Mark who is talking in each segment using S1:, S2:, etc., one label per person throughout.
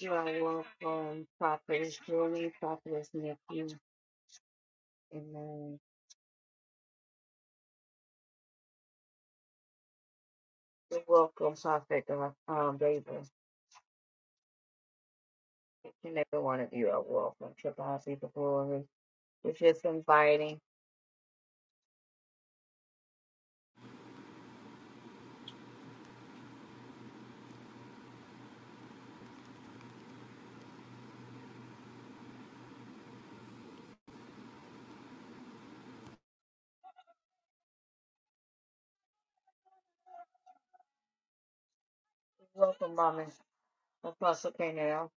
S1: You are welcome. Prophet Julie, Prophet Nikki, Amen. You're welcome, Prophet uh, um, David. Each and every one of you are welcome. Triple House the Glory. We're just inviting. Welcome, Mama Apostle Canal.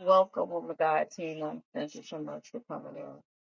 S1: Welcome, woman of God, Tina. Thank you so much for coming in.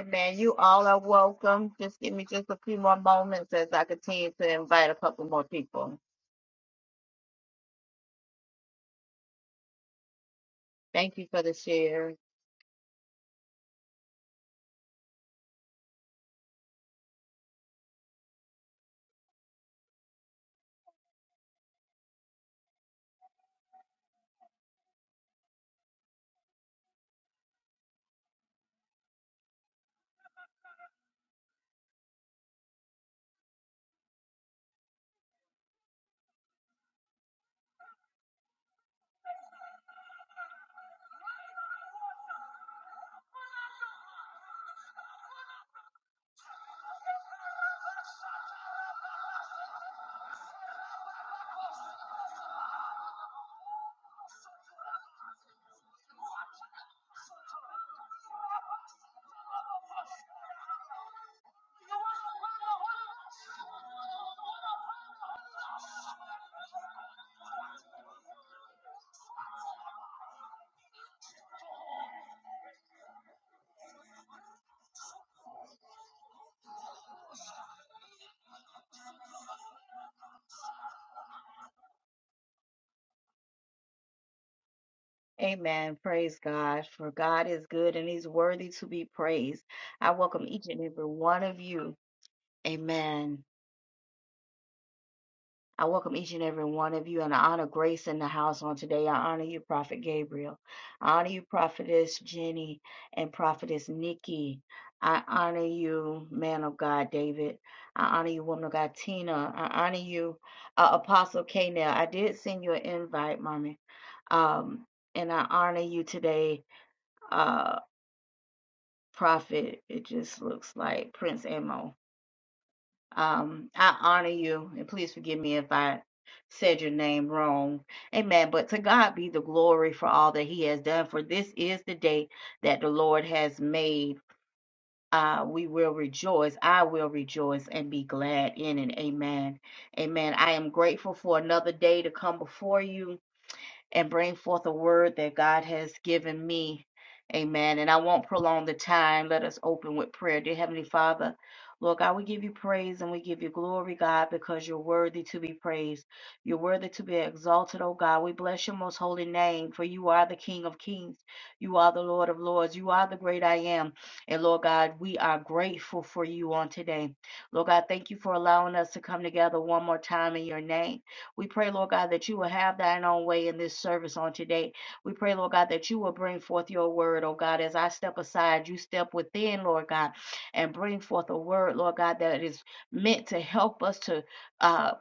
S1: Amen. You all are welcome. Just give me just a few more moments as I continue to invite a couple more people. Thank you for the share. Amen. Praise God. For God is good and he's worthy to be praised. I welcome each and every one of you. Amen. I welcome each and every one of you and I honor Grace in the house on today. I honor you, Prophet Gabriel. I honor you, Prophetess Jenny and Prophetess Nikki. I honor you, man of God, David. I honor you, woman of God, Tina. I honor you, uh, Apostle K. Now, I did send you an invite, mommy. Um, and I honor you today, uh, Prophet. It just looks like Prince Amo. Um, I honor you, and please forgive me if I said your name wrong. Amen. But to God be the glory for all that He has done, for this is the day that the Lord has made. Uh, we will rejoice. I will rejoice and be glad in it. Amen. Amen. I am grateful for another day to come before you and bring forth a word that God has given me. Amen. And I won't prolong the time. Let us open with prayer. Dear Heavenly Father, Lord God, we give you praise and we give you glory, God, because you're worthy to be praised. You're worthy to be exalted, oh God. We bless your most holy name, for you are the King of kings. You are the Lord of lords. You are the great I am. And Lord God, we are grateful for you on today. Lord God, thank you for allowing us to come together one more time in your name. We pray, Lord God, that you will have thine own way in this service on today. We pray, Lord God, that you will bring forth your word, oh God. As I step aside, you step within, Lord God, and bring forth a word, Lord God, that is meant to help us to uh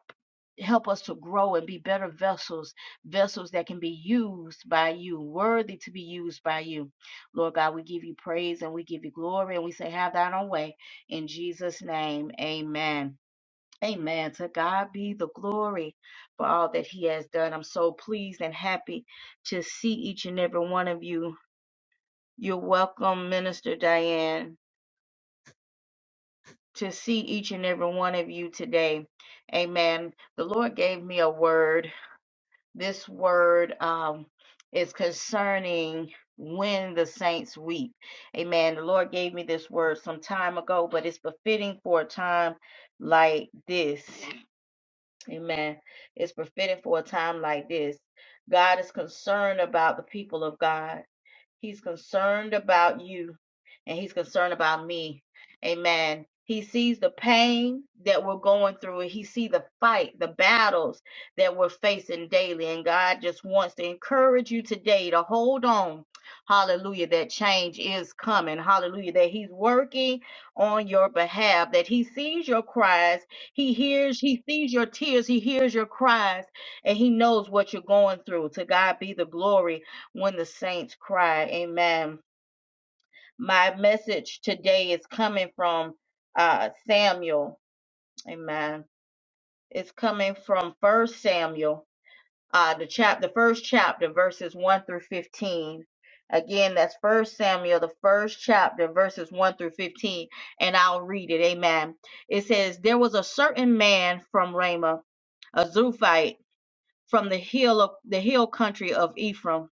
S1: help us to grow and be better vessels, vessels that can be used by you, worthy to be used by you. Lord God, we give you praise and we give you glory and we say, Have thine own way. In Jesus' name, amen. Amen. To God be the glory for all that He has done. I'm so pleased and happy to see each and every one of you. You're welcome, Minister Diane, to see each and every one of you today. Amen. The Lord gave me a word. This word um, is concerning when the saints weep. Amen. The Lord gave me this word some time ago, but it's befitting for a time like this. Amen. It's befitting for a time like this. God is concerned about the people of God. He's concerned about you and he's concerned about me. Amen. He sees the pain that we're going through and he sees the fight, the battles that we're facing daily. And God just wants to encourage you today to hold on. Hallelujah. That change is coming. Hallelujah. That he's working on your behalf, that he sees your cries. He hears, he sees your tears. He hears your cries and he knows what you're going through. To God be the glory when the saints cry. Amen. My message today is coming from uh, Samuel. Amen. It's coming from First Samuel, uh, the chap, the first chapter, verses one through fifteen. Again, that's First Samuel, the first chapter, verses one through fifteen, and I'll read it. Amen. It says, "There was a certain man from Ramah, a Zuphite, from the hill of the hill country of Ephraim."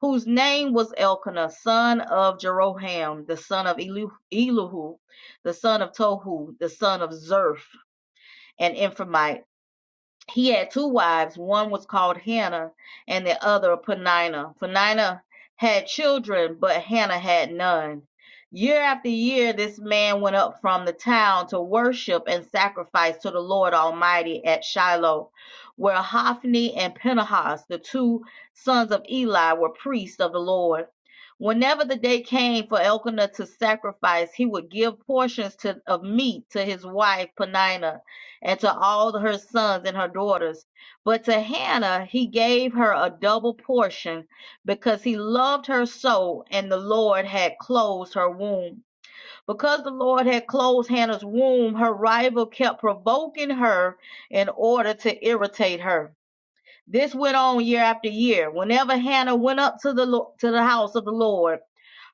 S1: whose name was Elkanah, son of Jeroham, the son of Elihu, the son of Tohu, the son of Zerf, an Ephraimite, he had two wives. One was called Hannah, and the other Penina. Penina had children, but Hannah had none. Year after year, this man went up from the town to worship and sacrifice to the Lord Almighty at Shiloh, where Hophni and Phinehas, the two sons of Eli, were priests of the Lord. Whenever the day came for Elkanah to sacrifice, he would give portions to, of meat to his wife Penina and to all her sons and her daughters. But to Hannah he gave her a double portion because he loved her so, and the Lord had closed her womb. Because the Lord had closed Hannah's womb, her rival kept provoking her in order to irritate her. This went on year after year. Whenever Hannah went up to the Lo- to the house of the Lord,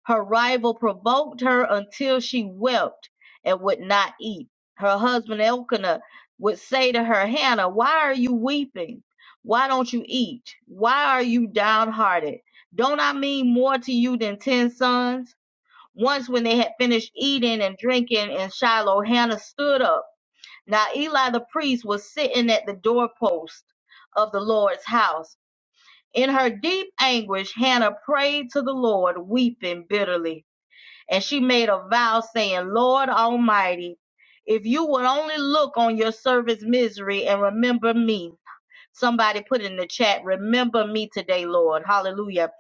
S1: her rival provoked her until she wept and would not eat. Her husband Elkanah would say to her, Hannah, why are you weeping? Why don't you eat? Why are you downhearted? Don't I mean more to you than ten sons? Once, when they had finished eating and drinking in Shiloh, Hannah stood up. Now, Eli the priest was sitting at the doorpost of the Lord's house. In her deep anguish, Hannah prayed to the Lord, weeping bitterly and she made a vow saying, Lord Almighty, if you would only look on your servant's misery and remember me. Somebody put in the chat, remember me today, Lord. Hallelujah.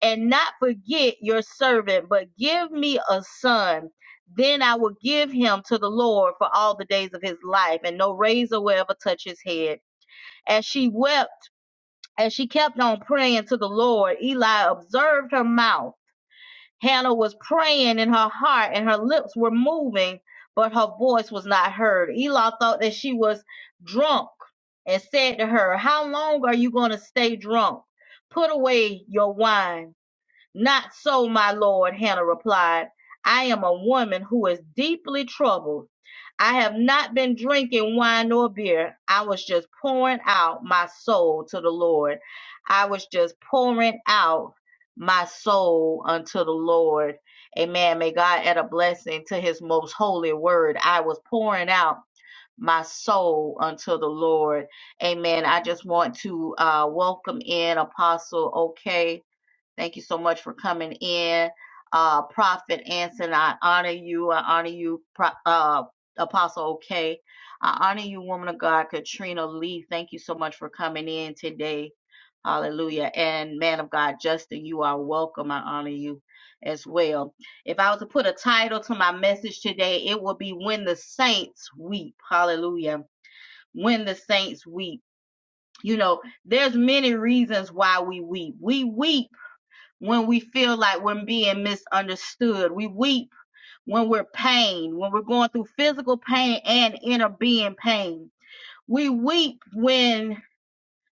S1: And not forget your servant, but give me a son. Then I will give him to the Lord for all the days of his life, and no razor will ever touch his head. As she wept, as she kept on praying to the Lord, Eli observed her mouth Hannah was praying in her heart and her lips were moving, but her voice was not heard. Eli thought that she was drunk and said to her, How long are you going to stay drunk? Put away your wine. Not so, my lord, Hannah replied. I am a woman who is deeply troubled. I have not been drinking wine nor beer. I was just pouring out my soul to the Lord. I was just pouring out my soul unto the Lord. Amen. May God add a blessing to his most holy word. I was pouring out my soul unto the Lord. Amen. I just want to uh, welcome in Apostle OK Thank you so much for coming in. Uh, Prophet Anson, I honor you. I honor you, Pro- uh, Apostle OK. I honor you, woman of God, Katrina Lee. Thank you so much for coming in today. Hallelujah. And man of God, Justin, you are welcome. I honor you as well. If I was to put a title to my message today, it would be When the Saints Weep. Hallelujah. When the Saints Weep. You know, there's many reasons why we weep. We weep when we feel like we're being misunderstood. We weep when we're pain, when we're going through physical pain and inner being pain. We weep when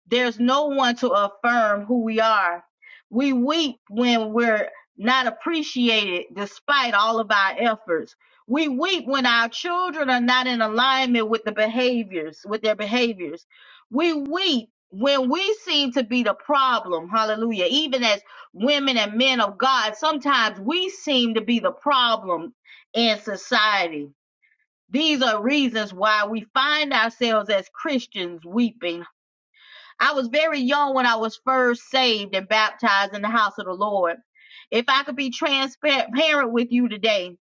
S1: there's no one to affirm who we are. We weep when we're not appreciated despite all of our efforts. We weep when our children are not in alignment with the behaviors, with their behaviors. We weep when we seem to be the problem. Hallelujah. Even as women and men of God, sometimes we seem to be the problem in society. These are reasons why we find ourselves as Christians weeping. I was very young when I was first saved and baptized in the house of the Lord. If I could be transparent with you today,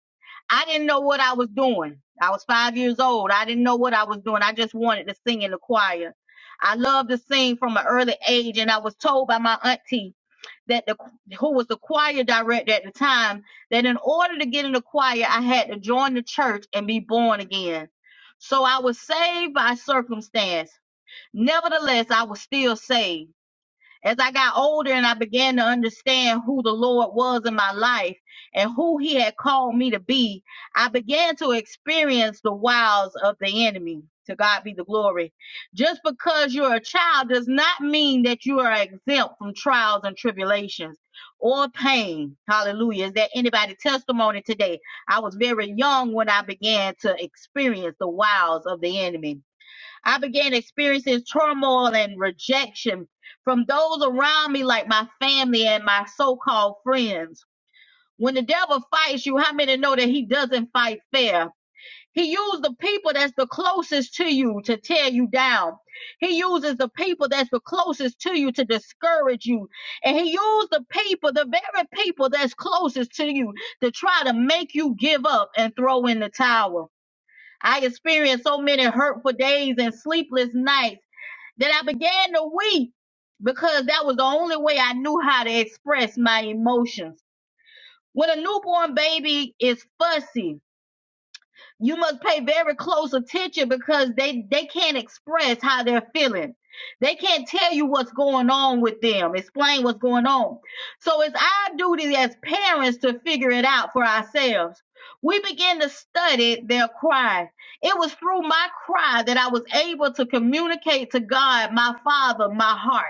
S1: I didn't know what I was doing. I was five years old. I didn't know what I was doing. I just wanted to sing in the choir. I loved to sing from an early age, and I was told by my auntie that the who was the choir director at the time that in order to get in the choir, I had to join the church and be born again. So I was saved by circumstance. Nevertheless, I was still saved. As I got older and I began to understand who the Lord was in my life and who He had called me to be, I began to experience the wiles of the enemy. To God be the glory. Just because you're a child does not mean that you are exempt from trials and tribulations or pain. Hallelujah. Is there anybody testimony today? I was very young when I began to experience the wiles of the enemy. I began experiencing turmoil and rejection from those around me, like my family and my so called friends. When the devil fights you, how many know that he doesn't fight fair? He uses the people that's the closest to you to tear you down. He uses the people that's the closest to you to discourage you. And he uses the people, the very people that's closest to you, to try to make you give up and throw in the towel. I experienced so many hurtful days and sleepless nights that I began to weep because that was the only way I knew how to express my emotions. When a newborn baby is fussy, you must pay very close attention because they they can't express how they're feeling they can't tell you what's going on with them explain what's going on so it's our duty as parents to figure it out for ourselves we begin to study their cry it was through my cry that i was able to communicate to god my father my heart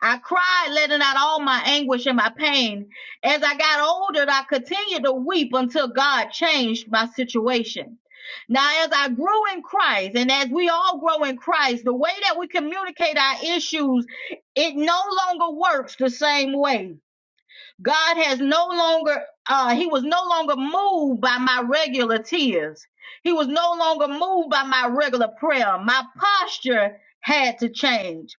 S1: I cried, letting out all my anguish and my pain. As I got older, I continued to weep until God changed my situation. Now, as I grew in Christ, and as we all grow in Christ, the way that we communicate our issues, it no longer works the same way. God has no longer, uh, He was no longer moved by my regular tears. He was no longer moved by my regular prayer. My posture had to change.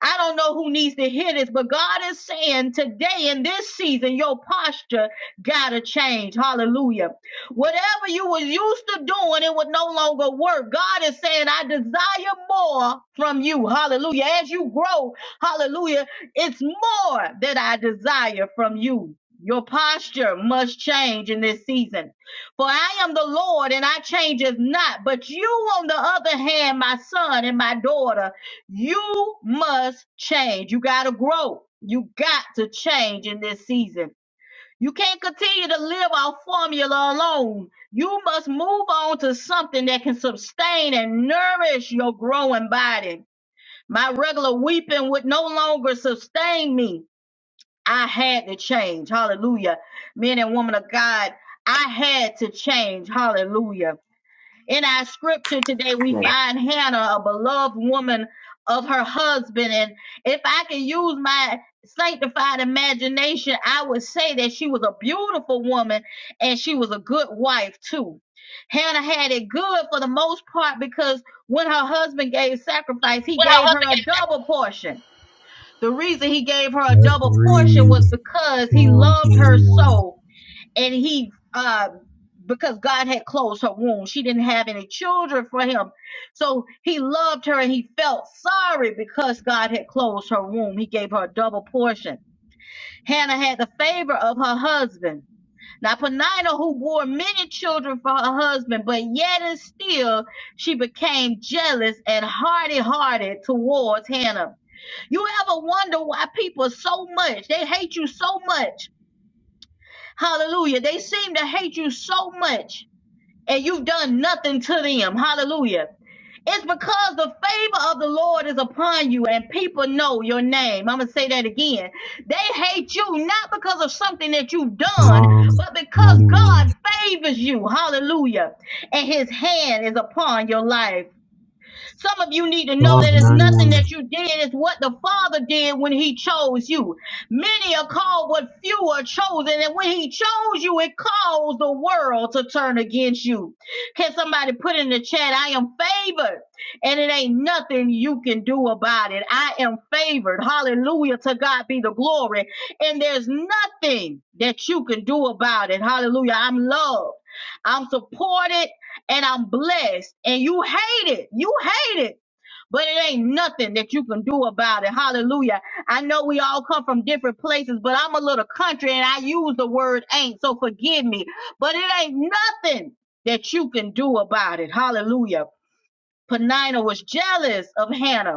S1: I don't know who needs to hear this, but God is saying today in this season, your posture gotta change. Hallelujah. Whatever you were used to doing, it would no longer work. God is saying, I desire more from you. Hallelujah. As you grow, hallelujah, it's more that I desire from you. Your posture must change in this season. For I am the Lord and I change not. But you, on the other hand, my son and my daughter, you must change. You got to grow. You got to change in this season. You can't continue to live off formula alone. You must move on to something that can sustain and nourish your growing body. My regular weeping would no longer sustain me. I had to change. Hallelujah. Men and women of God, I had to change. Hallelujah. In our scripture today, we
S2: Right.
S1: find Hannah, a beloved woman of her husband. And if I can use my sanctified imagination, I would say that she was a beautiful woman and she was a good wife too. Hannah had it good for the most part because when her husband gave sacrifice, he
S3: What her
S1: gave her
S3: husband
S1: a double portion. The reason he gave her a
S3: gave Let's
S1: double portion
S3: read
S1: was because he
S3: Psalms
S1: loved her
S3: 91.
S1: so and he um because God had closed her womb, she didn't have any children for him. So he loved her and he felt sorry because God had closed her womb. He gave her a double portion. Hannah had the favor of her husband. Now Penina, who bore many children for her husband, but yet and still she became jealous and hardy hearted towards Hannah. You ever wonder why people so much, they hate you so much Hallelujah. They seem to hate you so much and you've done nothing to them. Hallelujah. It's because the favor of the Lord is upon you and people know your name. I'm going to say that again. They hate you not because of something that you've done,
S3: Psalms
S1: but because
S3: 91.
S1: God favors you. Hallelujah. And his hand is upon your life. Some of you need to know that
S3: Psalms
S1: it's nothing
S3: 91.
S1: that you did, it's what the Father did when He chose you. Many are called, but few are chosen. And when He chose you, it caused the world to turn against you. Can somebody put in the chat, I am favored, and it ain't nothing you can do about it? I am favored. Hallelujah. To God be the glory. And there's nothing that you can do about it. Hallelujah. I'm loved. I'm supported and I'm blessed and you hate it. You hate it. But it ain't nothing that you can do about it. Hallelujah. I know we all come from different places, but I'm a little country and I use the word ain't, so forgive me. But it ain't nothing that you can do about it. Hallelujah. Penina was jealous of Hannah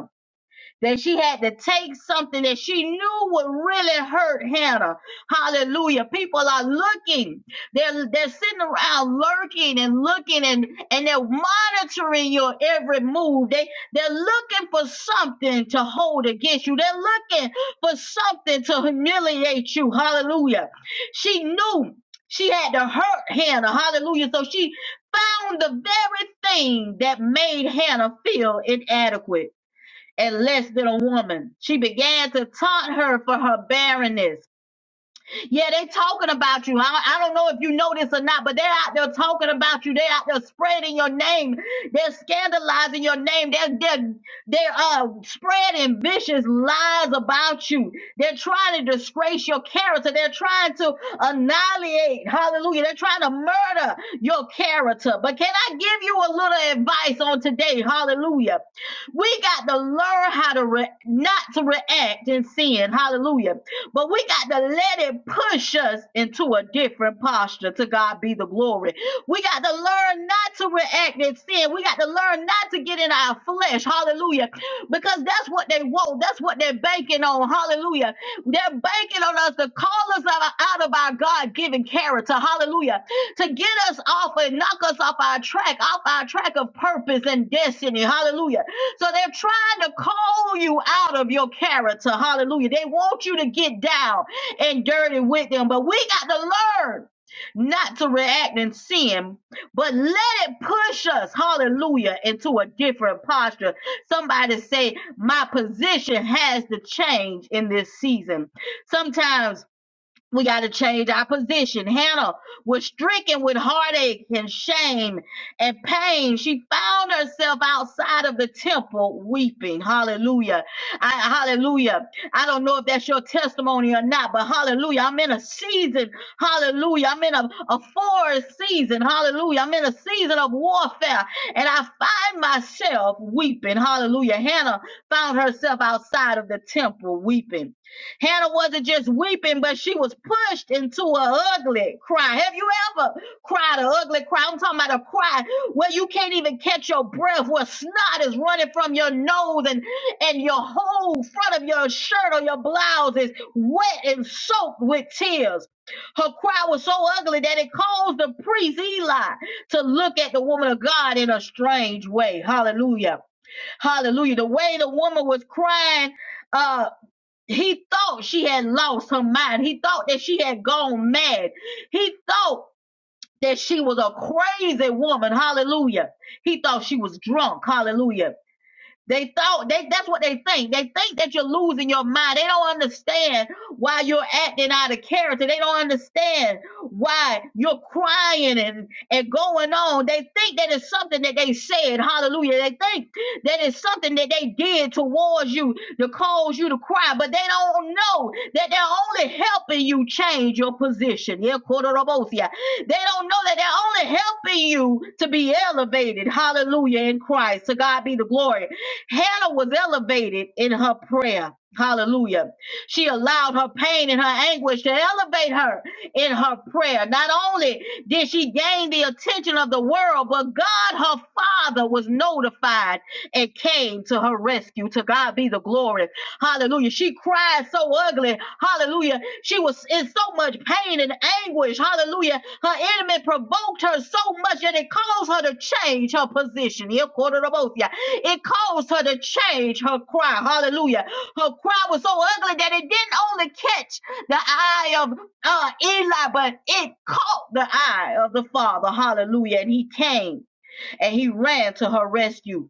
S1: that she had to take something that she knew would really hurt Hannah. Hallelujah. People are looking. They're they're sitting around lurking and looking and and they're monitoring your every move. They they're looking for something to hold against you. They're looking for something to humiliate you. Hallelujah. She knew she had to hurt Hannah. Hallelujah. So she found the very thing that made Hannah feel inadequate and less than a woman. She began to taunt her for her barrenness. Yeah, they talking about you. I, I don't know if you know this or not, but they're out there talking about you. They're out there spreading your name. They're scandalizing your name. They're they're they're uh spreading vicious lies about you. They're trying to disgrace your character. They're trying to annihilate. Hallelujah. They're trying to murder your character. But can I give you a little advice on today? Hallelujah. We got to learn how to re- not to react in sin. Hallelujah. But we got to let it push us into a different posture. To God be the glory. We got to learn not to react in sin. We got to learn not to get in our flesh. Hallelujah. Because that's what they want. That's what they're banking on. Hallelujah. They're banking on us to call us out out of our God given character. Hallelujah. To get us off and knock us off our track, off our track of purpose and destiny. Hallelujah so they're trying to call you out of your character. Hallelujah. They want you to get down and dirty with them. But we got to learn not to react in sin, but let it push us, hallelujah, into a different posture. Somebody say, My position has to change in this season. Sometimes we got to change our position. Hannah was stricken with heartache and shame and pain. She found herself outside of the temple weeping. Hallelujah. I, hallelujah. I don't know if that's your testimony or not, but hallelujah. I'm in a season. Hallelujah. I'm in a, a forest season. Hallelujah. I'm in a season of warfare and I find myself weeping. Hallelujah. Hannah found herself outside of the temple weeping. Hannah wasn't just weeping, but she was pushed into a ugly cry. Have you ever cried an ugly cry? I'm talking about a cry where you can't even catch your breath, where snot is running from your nose and, and your whole front of your shirt or your blouse is wet and soaked with tears. Her cry was so ugly that it caused the priest Eli to look at the woman of God in a strange way. Hallelujah. Hallelujah. The way the woman was crying. uh, he thought she had lost her mind. He thought that she had gone mad. He thought that she was a crazy woman. Hallelujah. He thought she was drunk. Hallelujah. They thought they that's what they think. They think that you're losing your mind. They don't understand why you're acting out of character. They don't understand why you're crying and, and going on. They think that it's something that they said, hallelujah. They think that it's something that they did towards you to cause you to cry, but they don't know that they're only helping you change your position. Yeah, Kodorobosia. They don't know that they're only helping you to be elevated. Hallelujah in Christ. To God be the glory. Hannah was elevated in her prayer. Hallelujah. She allowed her pain and her anguish to elevate her in her prayer. Not only did she gain the attention of the world, but God, her father, was notified and came to her rescue. To God be the glory. Hallelujah. She cried so ugly. Hallelujah. She was in so much pain and anguish. Hallelujah her enemy provoked her so much that it caused her to change her position. Here, quarter to both, yeah. It caused her to change her cry. Hallelujah. Her cry was so ugly that it didn't only catch the eye of uh, Eli, but it caught the eye of the Father. Hallelujah. And he came and he ran to her rescue.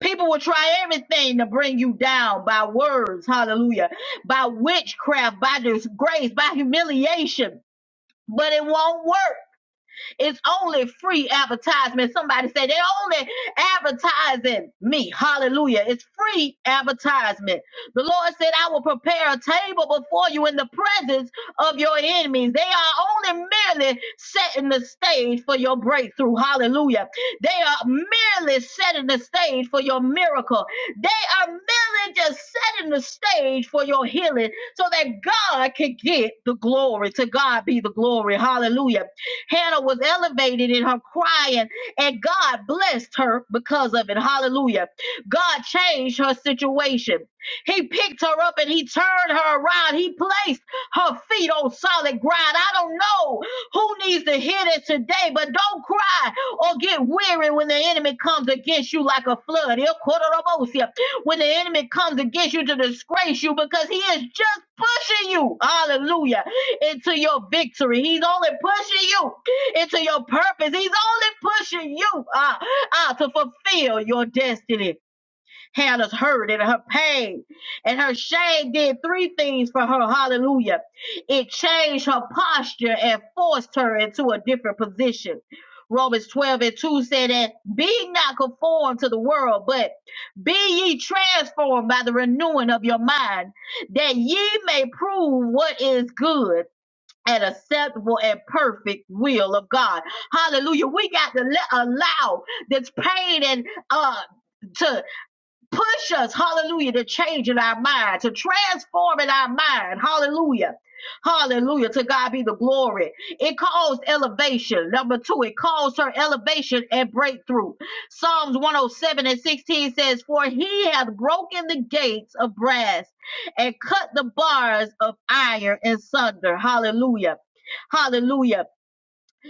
S1: People will try everything to bring you down by words, hallelujah, by witchcraft, by disgrace, by humiliation, but it won't work it's only free advertisement. Somebody say they only advertising me. Hallelujah. It's free advertisement. The Lord said, I will prepare a table before you in the presence of your enemies. They are only merely setting the stage for your breakthrough. Hallelujah. They are merely setting the stage for your miracle. They are merely just setting the stage for your healing so that God can get the glory. To God be the glory. Hallelujah. Hannah was elevated in her crying, and God blessed her because of it. Hallelujah. God changed her situation. He picked her up and he turned her around. He placed her feet on solid ground. I don't know who needs to hear this today, but don't cry or get weary when the enemy comes against you like a flood when the enemy comes against you to disgrace you because he is just pushing you, hallelujah, into your victory. He's only pushing you into your purpose. He's only pushing you uh, uh, to fulfill your destiny. Hannah's hurt and her pain and her shame did three things for her. Hallelujah. It changed her posture and forced her into a different position. Romans 12 and 2 said that be not conformed to the world, but be ye transformed by the renewing of your mind, that ye may prove what is good and acceptable and perfect will of God. Hallelujah. We got to let, allow this pain and uh to push us, hallelujah, to change in our mind, to transform in our mind, hallelujah. Hallelujah. To God be the glory. It calls elevation. Number two, it calls her elevation and breakthrough. Psalms 107 and 16 says, For he hath broken the gates of brass and cut the bars of iron in sunder. Hallelujah. Hallelujah.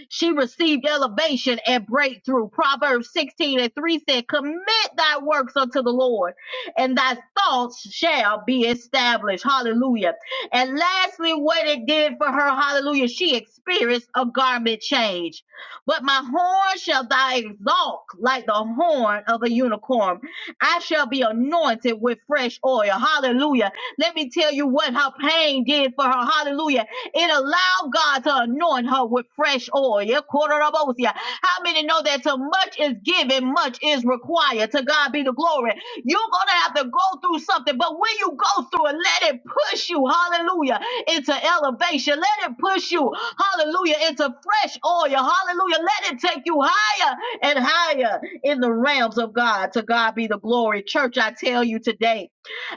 S1: She received elevation and breakthrough. Proverbs 16 and 3 said, Commit thy works unto the Lord, and thy thoughts shall be established. Hallelujah. And lastly, what it did for her, hallelujah, she experienced a garment change. But my horn shall thou exalt like the horn of a unicorn. I shall be anointed with fresh oil. Hallelujah. Let me tell you what her pain did for her. Hallelujah it allowed God to anoint her with fresh oil. Yeah, Kororobosia. How many know that to much is given, much is required? To God be the glory. You're going to have to go through something, but when you go through it, let it push you, hallelujah, into elevation. Let it push you, hallelujah, into fresh oil, hallelujah. Let it take you higher and higher in the realms of God. To God be the glory. Church, I tell you today,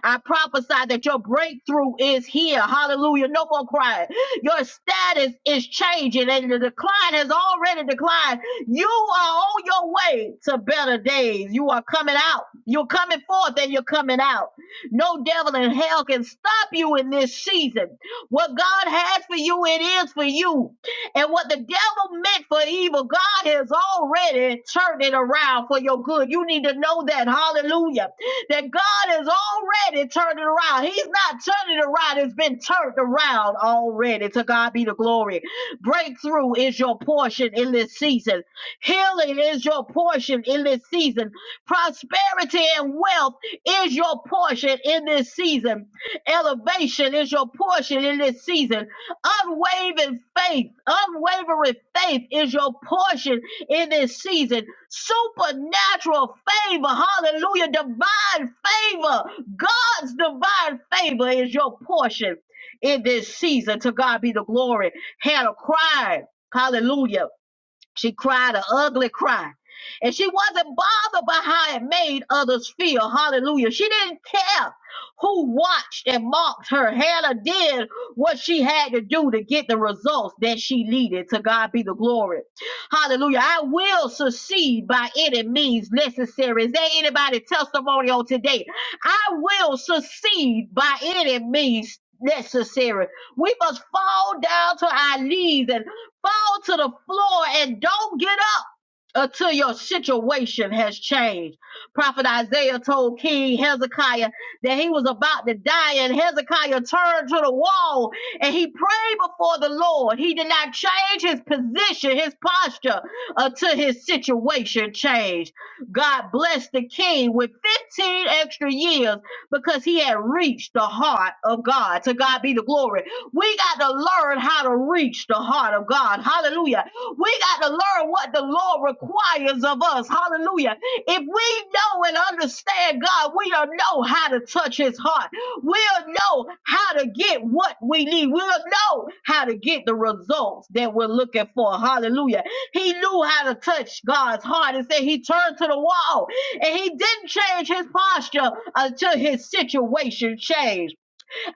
S1: I prophesy that your breakthrough is here. Hallelujah. No more crying. Your status is changing and the decline has already declined. You are on your way to better days. You are coming out. You're coming forth and you're coming out. No devil in hell can stop you in this season. What God has for you, it is for you. And what the devil meant for evil, God has already turned it around for your good. You need to know that. Hallelujah that God is already turning around. He's not turning around, it's been turned around already. To God be the glory. Breakthrough is your portion in this season, healing is your portion in this season, prosperity and wealth is your portion in this season, elevation is your portion in this season, unwavering faith, unwavering faith is your portion in this season supernatural favor. Hallelujah. Divine favor. God's divine favor is your portion in this season. To God be the glory. Hannah cried. Hallelujah she cried an ugly cry. And she wasn't bothered by how it made others feel. Hallelujah. She didn't care who watched and mocked her. Hannah did what she had to do to get the results that she needed. To God be the glory. Hallelujah. I will succeed by any means necessary. Is there anybody testimony on today? I will succeed by any means necessary. We must fall down to our knees and. Fall to the floor and don't get up until your situation has changed. Prophet Isaiah told King Hezekiah that he was about to die, and Hezekiah turned to the wall and he prayed before the Lord. He did not change his position, his posture, until his situation changed. God blessed the king with 15 extra years because he had reached the heart of God. To God be the glory. We got to learn how to reach the heart of God. Hallelujah. We got to learn what the Lord requires of us. Hallelujah. If we know and understand God, we'll know how to touch his heart. We'll know how to get what we need. We'll know how to get the results that we're looking for. Hallelujah. He knew how to touch God's heart and said he turned to the wall and he didn't change his posture until his situation changed.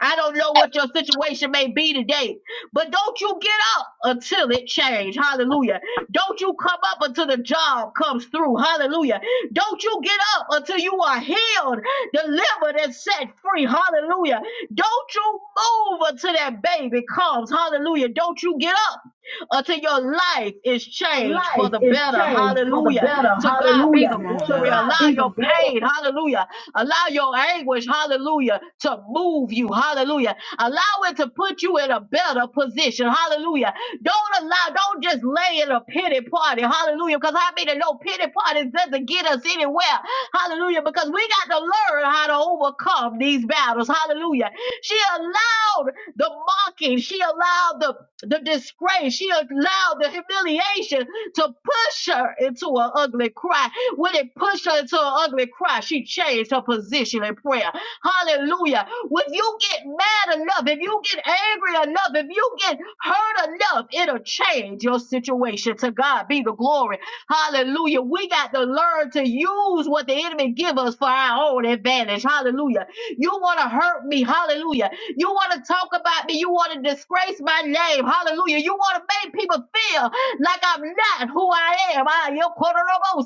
S1: I don't know what your situation may be today, but don't you get up until it changes? Hallelujah. Don't you come up until the job comes through. Hallelujah. Don't you get up until you are healed, delivered, and set free. Hallelujah. Don't you move until that baby comes. Hallelujah. Don't you get up until your life is changed for
S4: life
S1: the
S4: is
S1: better.
S4: changed for the
S1: Hallelujah.
S4: better.
S1: To God be
S4: Hallelujah.
S1: the
S4: Come To now.
S1: glory. Allow
S4: God be the
S1: your
S4: glory.
S1: pain. Hallelujah Allow your anguish, hallelujah, to move you, hallelujah. Allow it to put you in a better position, hallelujah. Don't allow, don't just lay in a pity party, hallelujah, because I mean, no pity parties doesn't get us anywhere, hallelujah, because we got to learn how to overcome these battles, hallelujah. She allowed the mocking, she allowed the, the disgrace, she allowed the humiliation to push her into an ugly cry when it pushed her into an ugly cry, she changed her position in prayer. Hallelujah. When you get mad enough, if you get angry enough, if you get hurt enough, it'll change your situation. To God be the glory. Hallelujah. We got to learn to use what the enemy give us for our own advantage. Hallelujah. You want to hurt me. Hallelujah. You want to talk about me. You want to disgrace my name. Hallelujah. You want to make people feel like I'm not who I am. I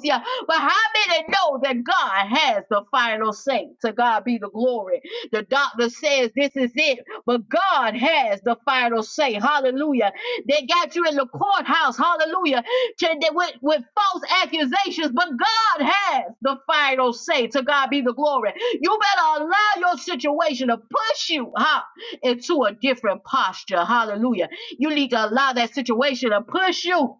S1: am but how many know that God has the final say? To God be the glory. The doctor says this is it, but God has the final say. Hallelujah. They got you in the courthouse. Hallelujah. To, with, with false accusations, but God has the final say. To God be the glory. You better allow your situation to push you huh, into a different posture. Hallelujah. You need to allow that situation to push you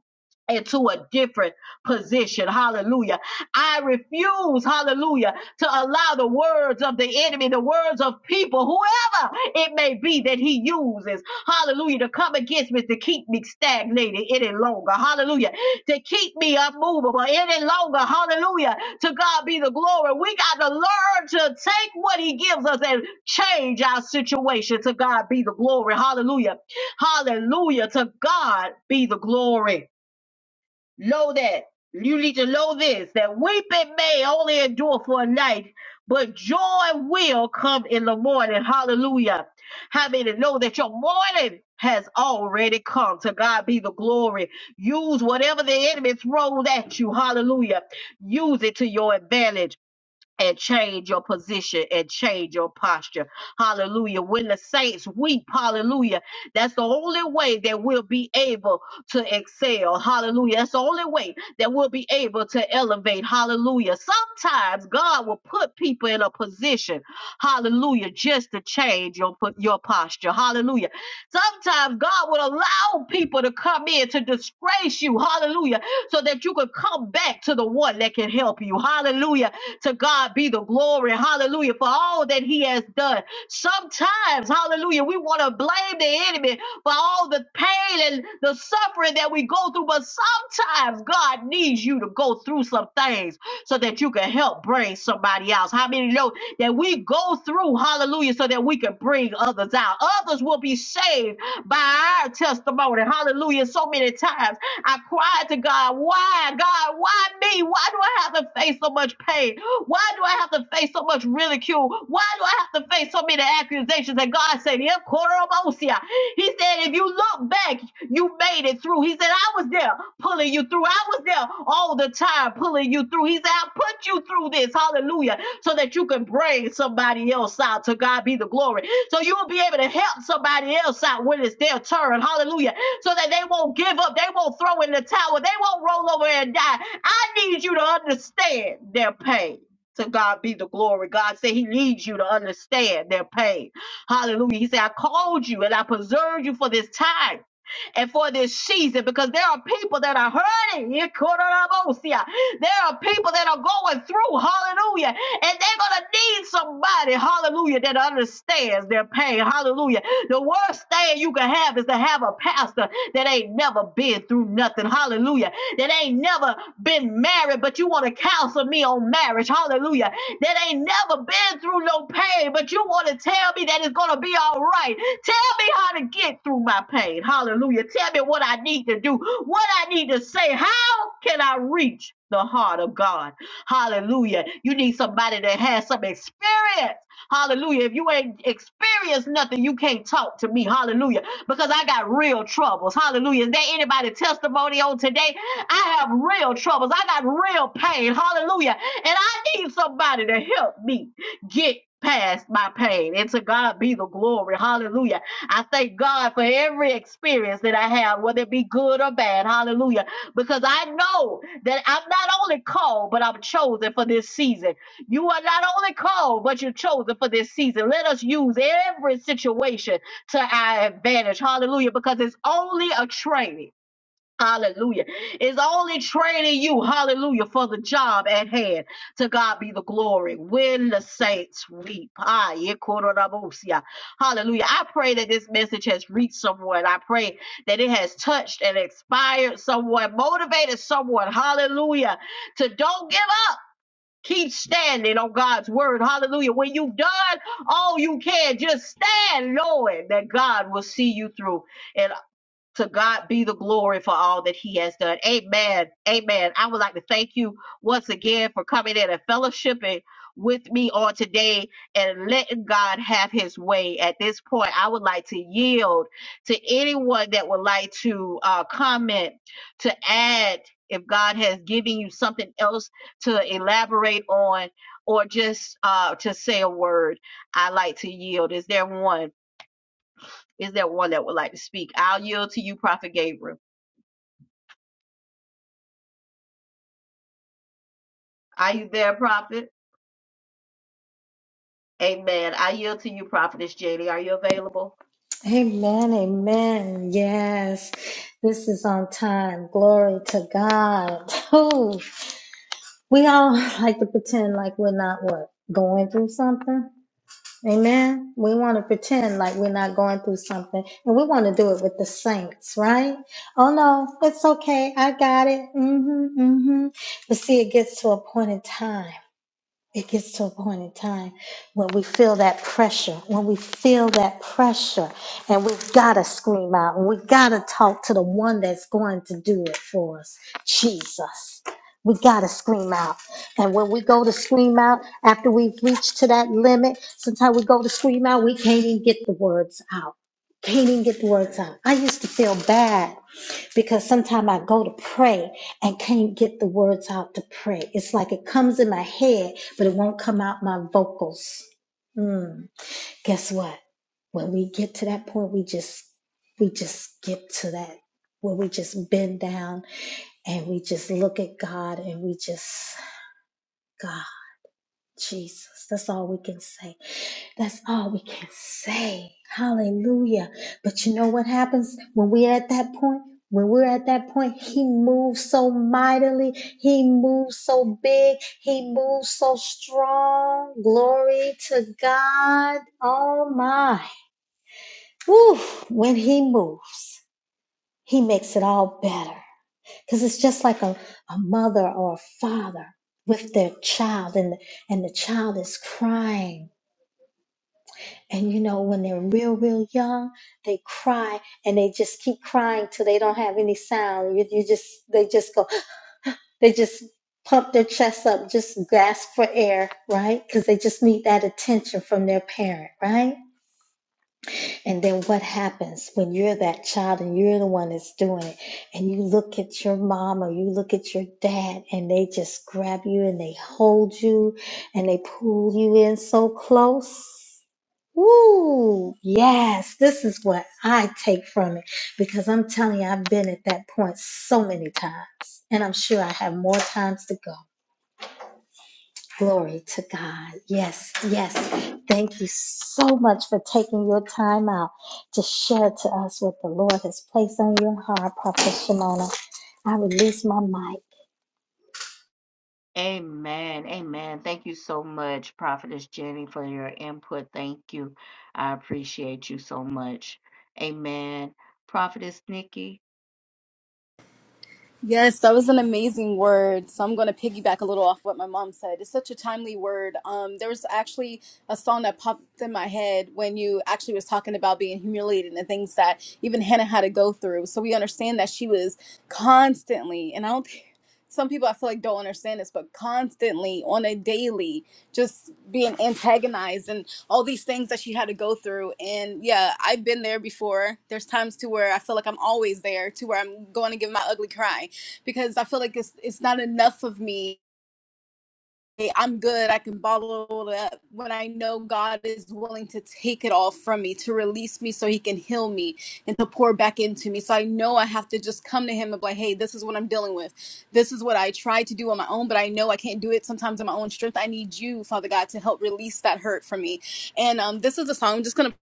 S1: into a different position. Hallelujah. I refuse, hallelujah, to allow the words of the enemy, the words of people, whoever it may be that he uses, hallelujah, to come against me, to keep me stagnated any longer. Hallelujah. To keep me unmovable any longer. Hallelujah. To God be the glory. We got to learn to take what he gives us and change our situation. To God be the glory. Hallelujah. Hallelujah. To God be the glory. Know that you need to know this that weeping may only endure for a night, but joy will come in the morning. Hallelujah. How many know that your morning has already come? To God be the glory. Use whatever the enemy throws at you. Hallelujah. Use it to your advantage and change your position and change your posture. Hallelujah. When the saints weep, hallelujah, that's the only way that we'll be able to excel. Hallelujah. That's the only way that we'll be able to elevate. Hallelujah. Sometimes God will put people in a position, hallelujah, just to change your, po- your posture. Hallelujah. Sometimes God will allow people to come in to disgrace you. Hallelujah. So that you can come back to the one that can help you. Hallelujah to God be the glory. Hallelujah. For all that he has done. Sometimes, hallelujah, we want to blame the enemy for all the pain and the suffering that we go through. But sometimes God needs you to go through some things so that you can help bring somebody else. How many know that we go through, hallelujah, so that we can bring others out? Others will be saved by our testimony. Hallelujah. So many times I cried to God, why, God, why me? Why do I have to face so much pain? Why do I have to face so much ridicule? Why do I have to face so many accusations? And God said, "Yeah, Korobosia." He said, if you look back, you made it through. He said, I was there pulling you through. I was there all the time pulling you through. He said, I put you through this, hallelujah, so that you can bring somebody else out. To God be the glory. So you'll be able to help somebody else out when it's their turn, hallelujah, so that they won't give up. They won't throw in the towel. They won't roll over and die. I need you to understand their pain. To God be the glory. God said He needs you to understand their pain. Hallelujah. He said, I called you and I preserved you for this time and for this season because there are people that are hurting. There are people that are going through, hallelujah, and they're going to need somebody, hallelujah, that understands their pain, hallelujah. The worst thing you can have is to have a pastor that ain't never been through nothing, hallelujah that ain't never been married, but you want to counsel me on marriage. Hallelujah. That ain't never been through no pain, but you want to tell me that it's going to be all right. Tell me how to get through my pain. Hallelujah. Tell me what I need to do, what I need to say. How can I reach the heart of God? Hallelujah. You need somebody that has some experience. Hallelujah. If you ain't experienced nothing, you can't talk to me. Hallelujah. Because I got real troubles. Hallelujah. Is there anybody testimony on today? I have real troubles. I got real pain. Hallelujah. And I need somebody to help me get past my pain. And to God be the glory. Hallelujah. I thank God for every experience that I have, whether it be good or bad. Hallelujah. Because I know that I'm not only called, but I'm chosen for this season. You are not only called, but you're chosen for this season. Let us use every situation to our advantage. Hallelujah. Because it's only a training. Hallelujah. It's only training you, hallelujah, for the job at hand. To God be the glory. When the saints weep. Ah, yekorabosia. Hallelujah. I pray that this message has reached someone. I pray that it has touched and inspired someone, motivated someone. Hallelujah. To don't give up. Keep standing on God's word. Hallelujah. When you've done all you can, just stand knowing that God will see you through. To God be the glory for all that He has done. Amen. Amen. I would like to thank you once again for coming in and fellowshipping with me on today and letting God have His way. At this point, I would like to yield to anyone that would like to uh, comment, to add, if God has given you something else to elaborate on, or just uh, to say a word. I like to yield. Is there one? Is there one that would like to speak? I'll yield to you, Prophet Gabriel. Are you there, Prophet? Amen. I yield to you, Prophetess Jenny. Are you available?
S5: Amen, amen. Yes, this is on time. Glory to God. Oh, we all like to pretend like we're not what going through something. Amen. We want to pretend like we're not going through something, and we want to do it with the saints, right? Oh no, it's okay. I got it. Mm-hmm, mm-hmm. But see, it gets to a point in time. It gets to a point in time when we feel that pressure, when we feel that pressure, and we've got to scream out and we've got to talk to the one that's going to do it for us Jesus. We got to scream out. And when we go to scream out after we've reached to that limit, sometimes we go to scream out, we can't even get the words out. Can't even get the words out. I used to feel bad because sometimes I go to pray and can't get the words out to pray. It's like it comes in my head, but it won't come out my vocals. Mm. Guess what? When we get to that point, we just we just get to that where we just bend down and we just look at God and we just God, Jesus. That's all we can say. That's all we can say. Hallelujah. But you know what happens when we're at that point? When we're at that point, he moves so mightily. He moves so big. He moves so strong. Glory to God. Oh my. Woo. When he moves, he makes it all better. Because it's just like a, a mother or a father with their child, and, and the child is crying And you know, when they're real, real young, they cry and they just keep crying till they don't have any sound. You, you just, they just go, they just pump their chest up, just gasp for air, right? Because they just need that attention from their parent, right? And then what happens when you're that child and you're the one that's doing it? And you look at your mom or you look at your dad and they just grab you and they hold you and they pull you in so close. Ooh, Yes, this is what I take from it because I'm telling you, I've been at that point so many times, and I'm sure I have more times to go. Glory to God. Yes, yes. Thank you so much for taking your time out to share to us what the Lord has placed on your heart, Prophet Shimona. I release my mic.
S1: Amen. Amen. Thank you so much, Prophetess Jenny, for your input. Thank you. I appreciate you so much. Amen. Prophetess Nikki.
S6: Yes, that was an amazing word. So I'm going to piggyback a little off what my mom said. It's such a timely word. Um, there was actually a song that popped in my head when you actually was talking about being humiliated and things that even Hannah had to go through. So we understand that she was constantly, and I don't. think- Some people I feel like don't understand this, but constantly on a daily, just being antagonized and all these things that she had to go through. And yeah, I've been there before. There's times to where I feel like I'm always there, to where I'm going to give my ugly cry because I feel like it's it's not enough of me. Hey, I'm good. I can bottle it up when I know God is willing to take it all from me, to release me so He can heal me and to pour back into me. So I know I have to just come to Him and be like, hey, this is what I'm dealing with. This is what I tried to do on my own, but I know I can't do it sometimes in my own strength. I need you, Father God, to help release that hurt from me. And um, this is a song I'm just going to,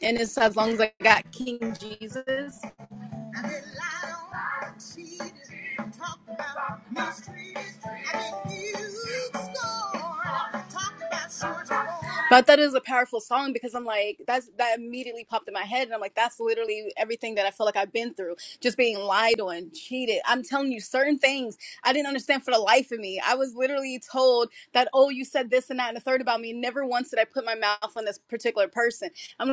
S6: and it's as long as I got King Jesus. I didn't lie on, I cheated, talked about mistreated. I didn't use scorn, talked about short But that is a powerful song because I'm like, that's that immediately popped in my head, and I'm like, that's literally everything that I feel like I've been through, just being lied on, cheated. I'm telling you, certain things I didn't understand for the life of me. I was literally told that, oh, you said this and that and the third about me. Never once did I put my mouth on this particular person. I'm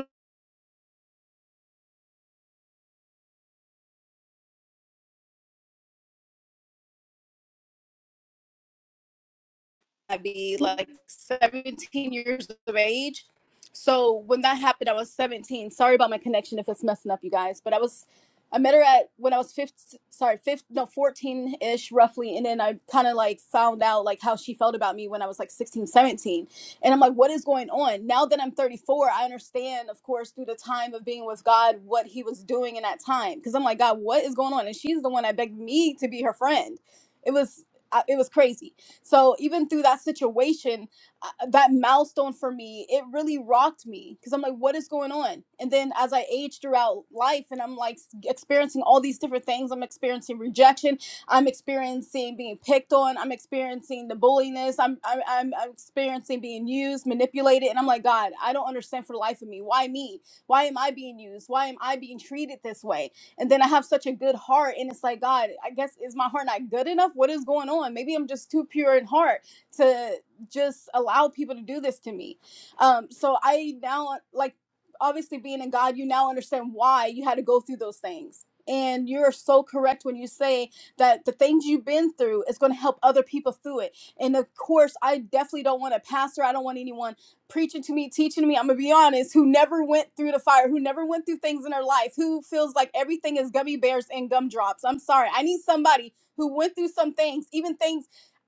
S6: I would be like 17 years of age. So when that happened, I was 17. Sorry about my connection if it's messing up, you guys. But I was, I met her at when I was 15, sorry, 15, no, 14 ish roughly. And then I kind of like found out like how she felt about me when I was like 16, 17. And I'm like, what is going on? Now that I'm 34, I understand, of course, through the time of being with God, what he was doing in that time. Cause I'm like, God, what is going on? And she's the one that begged me to be her friend. It was, I- it was crazy. So even through that situation, uh, that milestone for me, it really rocked me because I'm like, what is going on? And then as I age throughout life and I'm like experiencing all these different things, I'm experiencing rejection, I'm experiencing being picked on, I'm experiencing the bulliness, I'm, I'm, I'm I'm experiencing being used, manipulated. And I'm like, God, I don't understand for the life of me. Why me? Why am I being used? Why am I being treated this way? and then I have such a good heart, and it's like God, I guess is my heart not good enough? What is going on? Maybe I'm just too pure in heart to just allow people to do this to me. Um, so I now like obviously being in God, you now understand why you had to go through those things. And you're so correct when you say that the things you've been through is going to help other people through it. And of course, I definitely don't want a pastor. I don't want anyone preaching to me, teaching to me, I'm gonna be honest, who never went through the fire, who never went through things in her life, who feels like everything is gummy bears and gumdrops. I'm sorry. I need somebody who went through some things, even things.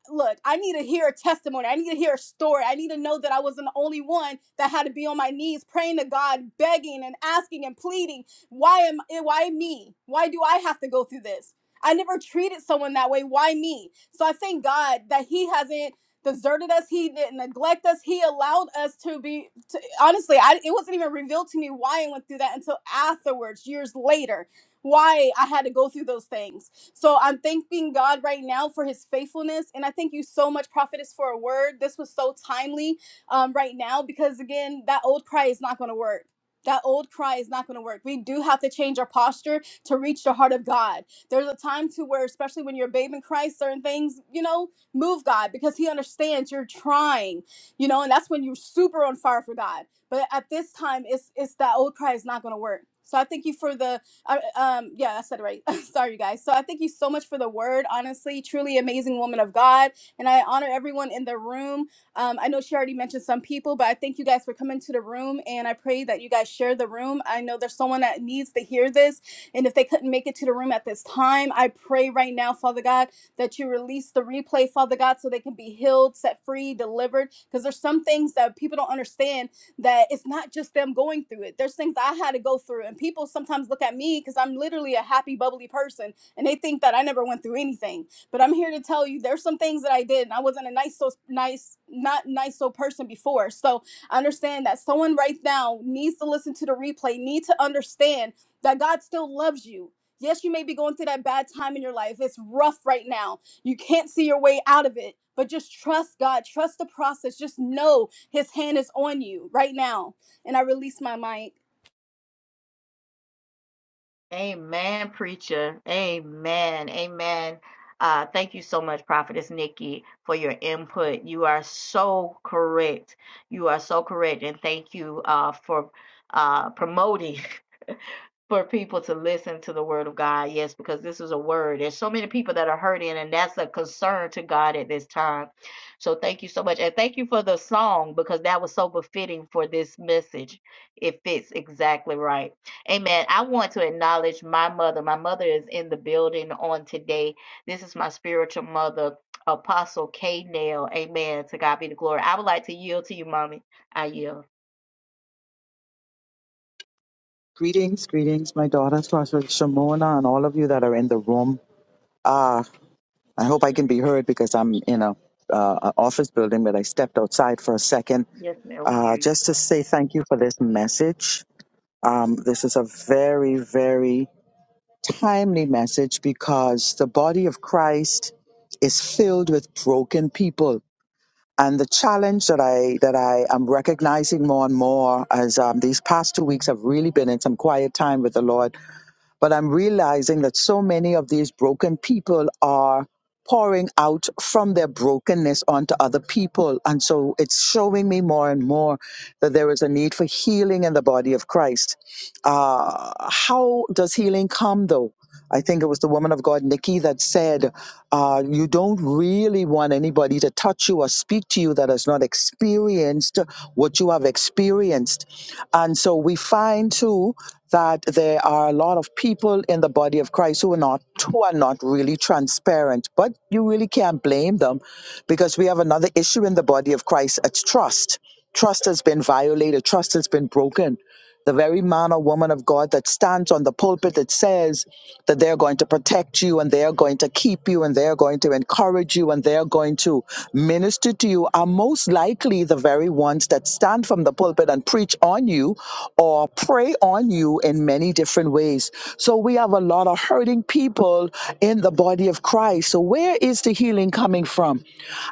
S6: Look, I need to hear a testimony. I need to hear a story. I need to know that I wasn't the only one that had to be on my knees praying to God, begging and asking and pleading. Why am why me? Why do I have to go through this? I never treated someone that way. Why me? So I thank God that He hasn't deserted us. He didn't neglect us. He allowed us to be. To, honestly, I, it wasn't even revealed to me why I went through that until afterwards, years later, why I had to go through those things. So I'm thanking God right now for His faithfulness, and I thank you so much, prophetess, for a word. This was so timely um, right now because again, that old cry is not going to work. That old cry is not going to work. We do have to change our posture to reach the heart of God. There's a time to where, especially when you're a babe in Christ, certain things, you know, Move, God, because He understands you're trying, you know, and that's when you're super on fire for God. But at this time, it's it's that old cry is not going to work. So I thank you for the, I, um, yeah, I said it right. Sorry, you guys. So I thank you so much for the word. Honestly, truly amazing woman of God, and I honor everyone in the room. Um, I know she already mentioned some people, but I thank you guys for coming to the room, and I pray that you guys share the room. I know there's someone that needs to hear this, and if they couldn't make it to the room at this time, I pray right now, Father God that you release the replay, Father God, so they can be healed, set free, delivered. Because there's some things that people don't understand that it's not just them going through it. There's things I had to go through. And people sometimes look at me because I'm literally a happy, bubbly person and they think that I never went through anything. But I'm here to tell you there's some things that I did and I wasn't a nice, so nice, not nice, so person before. So I understand that someone right now needs to listen to the replay, need to understand that God still loves you Yes, you may be going through that bad time in your life. It's rough right now. You can't see your way out of it, but just trust God. Trust the process. Just know His hand is on you right now. And I release my mic.
S1: Amen, preacher. Amen. Amen. Uh, thank you so much, Prophetess Nikki, for your input. You are so correct. You are so correct. And thank you uh, for uh, promoting. for people to listen to the word of God. Yes, because this is a word. There's so many people that are hurting, and that's a concern to God at this time. So thank you so much. And thank you for the song because that was so befitting for this message. It fits exactly right. Amen. I want to acknowledge my mother. My mother is in the building on today. This is my spiritual mother. Apostle K. Nail, amen. To God be the glory. I would like to yield to you, mommy. I yield.
S7: Greetings, greetings, my daughter, Pastor Shimona, and all of you that are in the room. Uh, I hope I can be heard because I'm in a uh, a office building, but I stepped outside for a second
S1: Yes, ma'am. We hear
S7: uh,
S1: you.
S7: just to say thank you for this message. Um, this is a very, very timely message because the body of Christ is filled with broken people. And the challenge that I that I am recognizing more and more as um, these past two weeks have really been in some quiet time with the Lord But I'm realizing that so many of these broken people are pouring out from their brokenness onto other people. And so it's showing me more and more that there is a need for healing in the body of Christ uh, how does healing come though? I think it was the woman of God, Nikki, that said, uh, You don't really want anybody to touch you or speak to you that has not experienced what you have experienced. And so we find too that there are a lot of people in the body of Christ who are not who are not really transparent. But you really can't blame them because we have another issue in the body of Christ. It's trust. Trust has been violated, trust has been broken the very man or woman of God that stands on the pulpit that says that they're going to protect you and they're going to keep you and they're going to encourage you and they're going to minister to you are most likely the very ones that stand from the pulpit and preach on you or pray on you in many different ways. So we have a lot of hurting people in the body of Christ. So where is the healing coming from?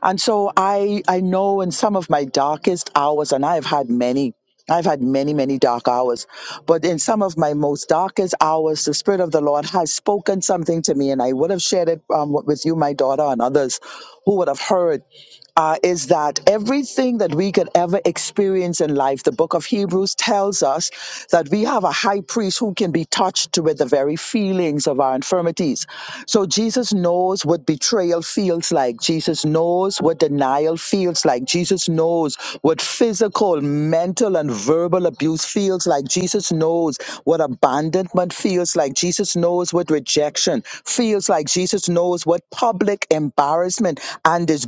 S7: And so I I know in some of my darkest hours and I have had many I've had many, many dark hours, but in some of my most darkest hours, the Spirit of the Lord has spoken something to me, and I would have shared it um, with you, my daughter, and others who would have heard uh, is that everything that we could ever experience in life, the book of Hebrews tells us that we have a high priest who can be touched with the very feelings of our infirmities. So Jesus knows what betrayal feels like. Jesus knows what denial feels like. Jesus knows what physical, mental, and verbal abuse feels like. Jesus knows what abandonment feels like. Jesus knows what rejection feels like. Jesus knows what public embarrassment embarrassment and disgrace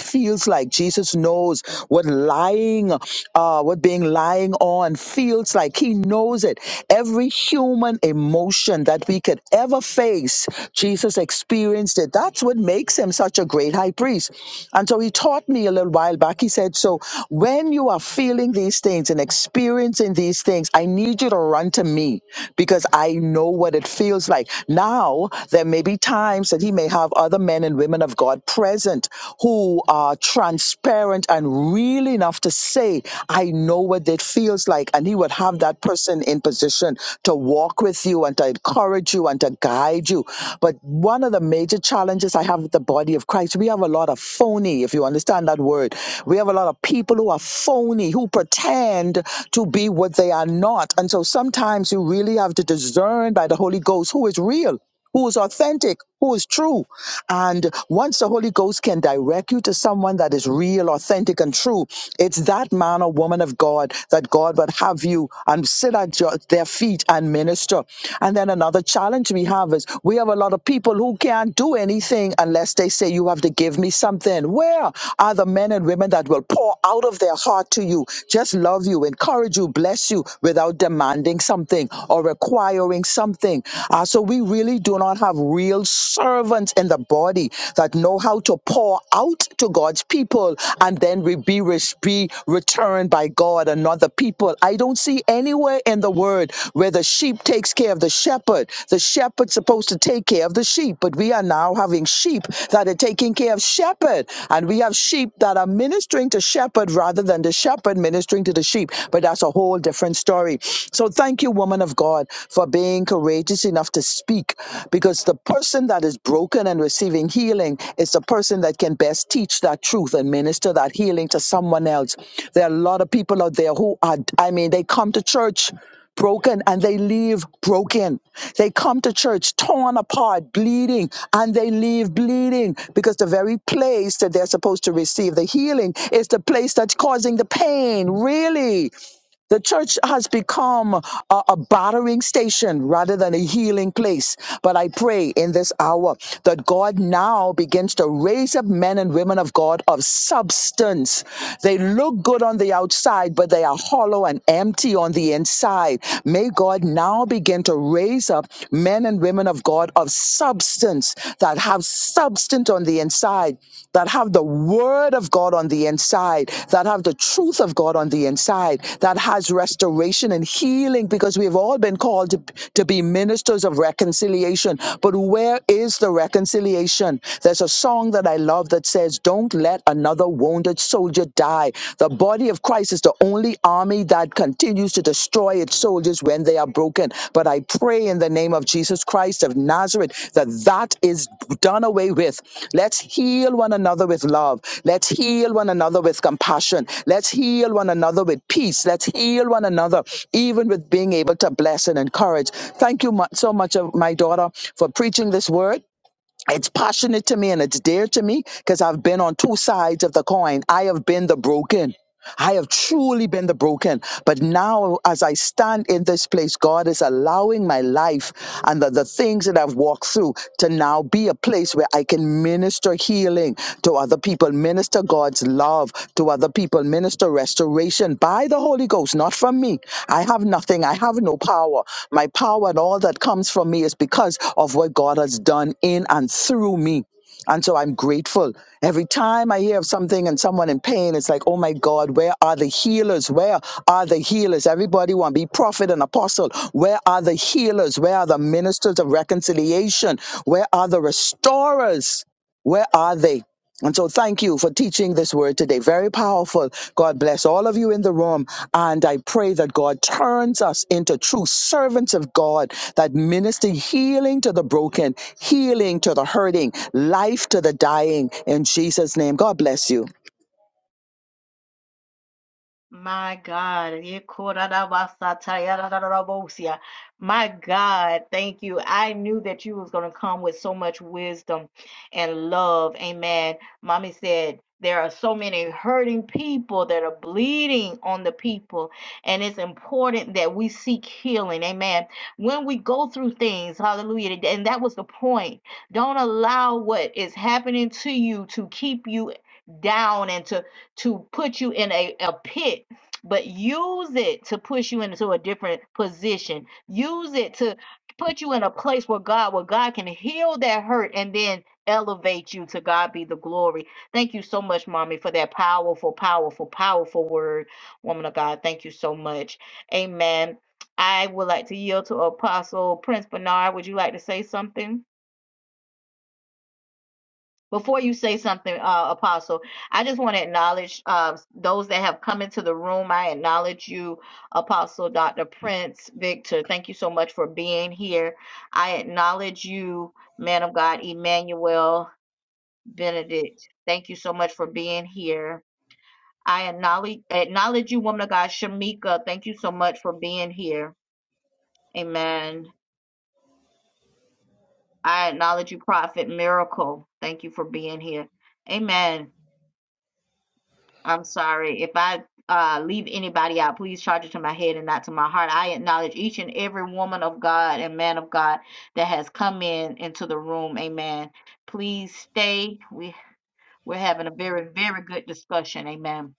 S7: feels like Jesus knows what lying, uh, what being lying on feels like. He knows it. Every human emotion that we could ever face, Jesus experienced it. That's what makes him such a great high priest. And so he taught me a little while back. He said, So when you are feeling these things and experiencing these things, I need you to run to me because I know what it feels like. Now, there may be times James said he may have other men and women of God present who are transparent and real enough to say, I know what it feels like. And he would have that person in position to walk with you and to encourage you and to guide you. But one of the major challenges I have with the body of Christ, we have a lot of phony, if you understand that word. We have a lot of people who are phony, who pretend to be what they are not. And so sometimes you really have to discern by the Holy Ghost who is real who is authentic, who is true. And once the Holy Ghost can direct you to someone that is real, authentic, and true, it's that man or woman of God that God would have you and sit at your, their feet and minister. And then another challenge we have is we have a lot of people who can't do anything unless they say, You have to give me something. Where are the men and women that will pour out of their heart to you, just love you, encourage you, bless you without demanding something or requiring? doing something. Uh, so we really do not have real servants in the body that know how to pour out to God's people and then we be, re- be returned by God and not the people. I don't see anywhere in the word where the sheep takes care of the shepherd. The shepherd's supposed to take care of the sheep, but we are now having sheep that are taking care of shepherd. And we have sheep that are ministering to shepherd rather than the shepherd ministering to the sheep. But that's a whole different story. So thank you, woman of God, for being courageous enough to speak because the person that is broken and receiving healing is the person that can best teach that truth and minister that healing to someone else. There are a lot of people out there who are, I mean, they come to church broken and they leave broken. They come to church torn apart, bleeding, and they leave bleeding because the very place that they're supposed to receive the healing is the place that's causing the pain. Really? The church has become a, a battering station rather than a healing place. But I pray in this hour that God now begins to raise up men and women of God of substance. They look good on the outside, but they are hollow and empty on the inside. May God now begin to raise up men and women of God of substance that that have substance on the inside, that have the word of God on the inside, that have the truth of God on the inside, that has restoration and healing, because we've all been called to, to be ministers of reconciliation. But where is the reconciliation? There's a song that I love that says, Don't let another wounded soldier die. The body of Christ is the only army that continues to destroy its soldiers when they are broken. But I pray in the name of Jesus Christ of Nazareth that that is done away with. Let's heal one another with love. Let's heal one another with compassion. Let's heal one another with peace. Let's heal one another, even with being able to bless and encourage. Thank you mu- so much, of my daughter, for preaching this word it's passionate to me and it's dear to me because I've been on two sides of the coin. I have been the broken. I have truly been the broken. But now, as I stand in this place, God is allowing my life and the, the things that I've walked through to now be a place where where I can minister healing to other people, minister God's love to other people, minister restoration by the Holy Ghost, not from me. I have nothing, I have no power. My power and all that comes from me is because of what God has done in and through me. And so I'm grateful. Every time I hear of something and someone in pain, it's like, oh my God, where are the healers? Where are the healers? Everybody want to be prophet and apostle. Where are the healers? Where are the ministers of reconciliation? Where are the restorers? Where are they? And so thank you for teaching this word today. Very powerful. God bless all of you in the room. And I pray that God turns us into true servants of God that minister healing to the broken, healing to the hurting, life to the dying. In Jesus' name, God bless you.
S1: My God. Yekorarabasatayarararabosia. My God, thank you. I knew that you was going to come with so much wisdom and love. Amen. Mommy said there are so many hurting people that are bleeding on the people, and it's important that we seek healing. Amen. When we go through things, hallelujah. And that was the point. Don't allow what is happening to you to keep you down and to to put you in a, a pit, but use it to push you into a different position. Use it to put you in a place where God, where God can heal that hurt and then elevate you to God be the glory. Thank you so much, mommy, for that powerful, powerful, powerful word. Woman of God, thank you so much. Amen. I would like to yield to Apostle Prince Bernard. Would you like to say something? Before you say something, uh, Apostle, I just want to acknowledge um, those that have come into the room. I acknowledge you, Apostle Dr. Prince Victor. Thank you so much for being here. I acknowledge you, man of God, Emmanuel Benedict. Thank you so much for being here. I acknowledge, acknowledge you, woman of God, Shamika. Thank you so much for being here. Amen. I acknowledge you, Prophet Miracle. Thank you for being here. Amen. I'm sorry. If I uh, leave anybody out, please charge it to my head and not to my heart. I acknowledge each and every woman of God and man of God that has come in into the room. Amen. Please stay. We we're having a very very good discussion. Amen.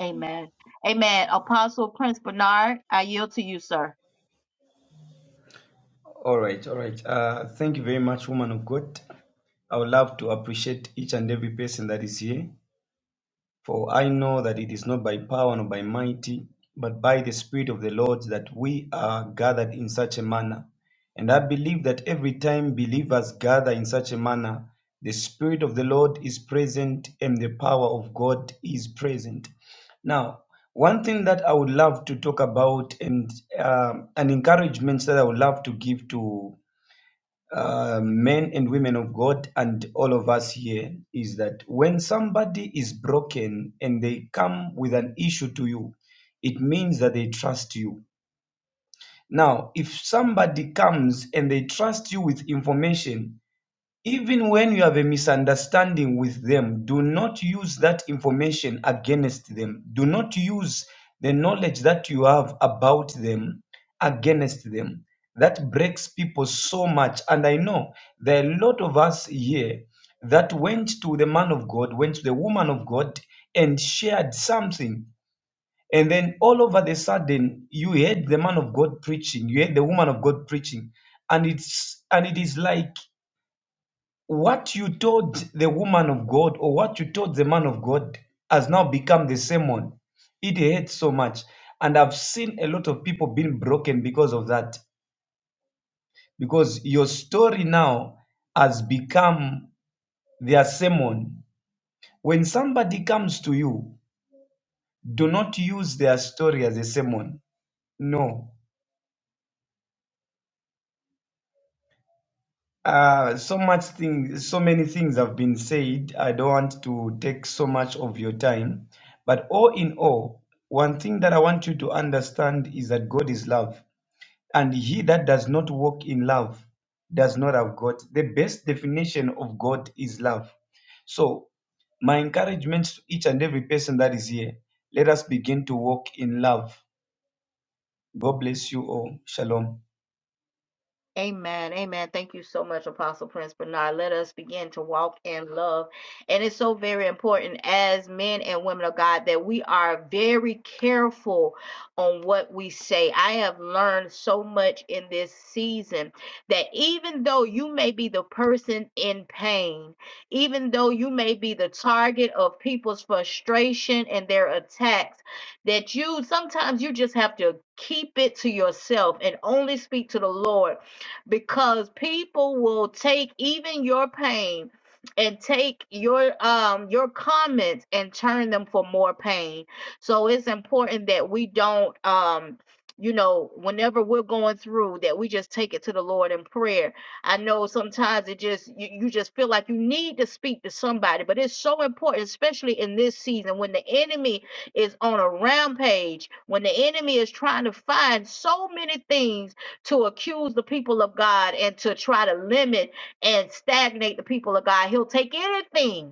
S1: Amen. Amen. Apostle Prince Bernard, I yield to you, sir.
S8: All right, all right. Uh, thank you very much, woman of God. I would love to appreciate each and every person that is here, for I know that it is not by power nor by mighty, but by the Spirit of the Lord that we are gathered in such a manner. And I believe that every time believers gather in such a manner, the Spirit of the Lord is present and the power of God is present. Now, one thing that I would love to talk about and um, an encouragement that I would love to give to uh, men and women of God and all of us here is that when somebody is broken and they come with an issue to you, it means that they trust you. Now, if somebody comes and they trust you with information even when you have a misunderstanding with them, do not use that information against them. Do not use the knowledge that you have about them against them. That breaks people so much. And I know there are a lot of us here that went to the man of God, went to the woman of God, and shared something. And then all over the sudden, you heard the man of God preaching, you heard the woman of God preaching, and it's and it is like what you told the woman of God or what you told the man of God has now become the sermon. It hurts so much. And I've seen a lot of people being broken because of that. Because your story now has become their sermon. When somebody comes to you, do not use their story as a sermon. No, Uh, so much things, so many things have been said. I don't want to take so much of your time. But all in all, one thing that I want you to understand is that God is love. And he that does not walk in love does not have God. The best definition of God is love. So, my encouragement to each and every person that is here, let us begin to walk in love. God bless you all. Shalom.
S1: Amen. Amen. Thank you so much, Apostle Prince Bernard. Let us begin to walk in love. And it's so very important as men and women of God that we are very careful on what we say. I have learned so much in this season that even though you may be the person in pain, even though you may be the target of people's frustration and their attacks, that you sometimes you just have to keep it to yourself and only speak to the Lord because people will take even your pain and take your um your comments and turn them for more pain. So it's important that we don't um you know whenever we're going through that we just take it to the Lord in prayer. I know sometimes it just you, you just feel like you need to speak to somebody, but it's so important especially in this season when the enemy is on a rampage, when the enemy is trying to find so many things to accuse the people of God and to try to limit and stagnate the people of God. He'll take anything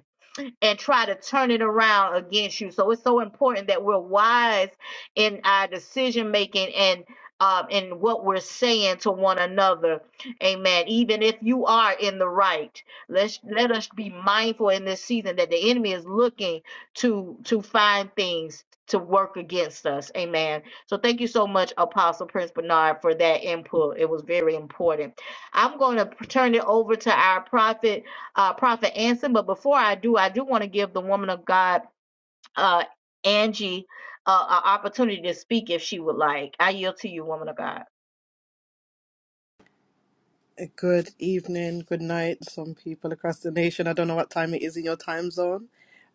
S1: and try to turn it around against you. So it's so important that we're wise in our decision making and um, in what we're saying to one another. Amen. Even if you are in the right, let's let us be mindful in this season that the enemy is looking to to find things to work against us. Amen. So thank you so much, Apostle Prince Bernard, for that input. It was very important. I'm going to turn it over to our prophet uh, Prophet Anson. But before I do, I do want to give the woman of God, uh, Angie, uh, an opportunity to speak if she would like. I yield to you, woman of God.
S9: Good evening, good night, some people across the nation. I don't know what time it is in your time zone,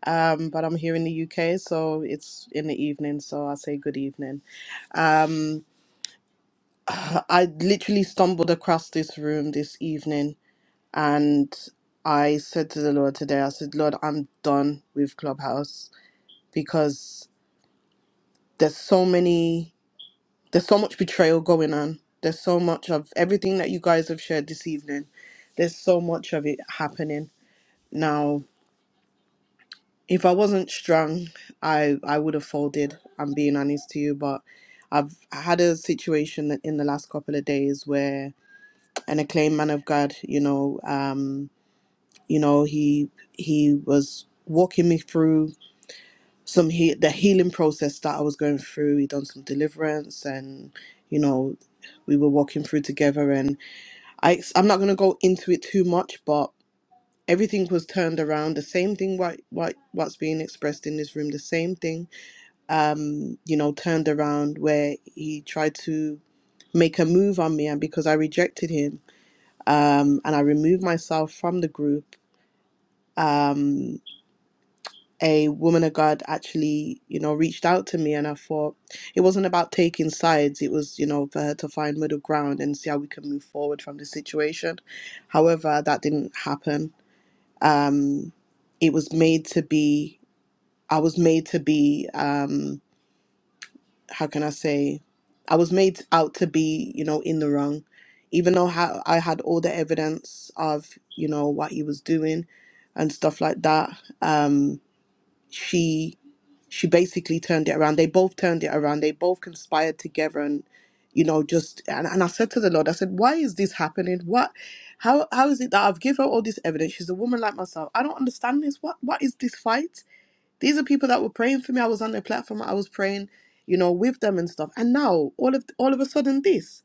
S9: um, but I'm here in the UK, so it's in the evening, so I say good evening. I literally stumbled across this room this evening and I said to the Lord today, I said, Lord, I'm done with Clubhouse because there's so many, there's so much betrayal going on. There's so much of everything that you guys have shared this evening. There's so much of it happening now If I wasn't strong, I I would have folded. I'm being honest to you, but I've had a situation in the last couple of days where an acclaimed man of God, you know, um, you know, he he was walking me through some he- the healing process that I was going through. He done some deliverance, and you know, we were walking through together. And I ex- I'm not gonna go into it too much, but everything was turned around. The same thing what what what's being expressed in this room. The same thing um, you know, turned around where he tried to make a move on me, and because I rejected him um, and I removed myself from the group, um, a woman of God actually, you know, reached out to me, and I thought it wasn't about taking sides. It was, you know, for her to find middle ground and see how we can move forward from the situation. However, that didn't happen. Um, it was made to be. I was made to be. Um, how can I say, I was made out to be, you know, in the wrong, even though ha- I had all the evidence of, you know, what he was doing and stuff like that. Um, she she basically turned it around. They both turned it around. They both conspired together and you know just and, and I said to the Lord, I said, Why is this happening? What how how is it that I've given her all this evidence? She's a woman like myself. I don't understand this. What what is this fight? These are people that were praying for me. I was on their platform. I was praying, you know, with them and stuff. And now all of all of a sudden this.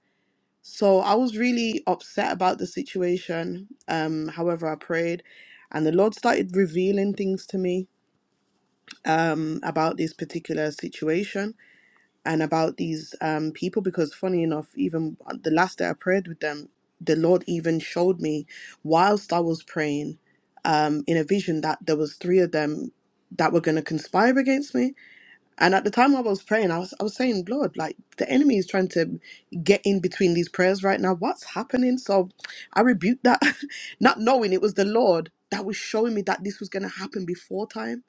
S9: So I was really upset about the situation. Um, however, I prayed, and the Lord started revealing things to me um, about this particular situation and about these um, people. Because funny enough, even the last day I prayed with them, the Lord even showed me whilst I was praying um, in a vision that there was three of them that were going to conspire against me and at the time I was praying, I was I was saying, Lord, like the enemy is trying to get in between these prayers right now. What's happening? So I rebuked that, not knowing it was the Lord that was showing me that this was gonna happen before time.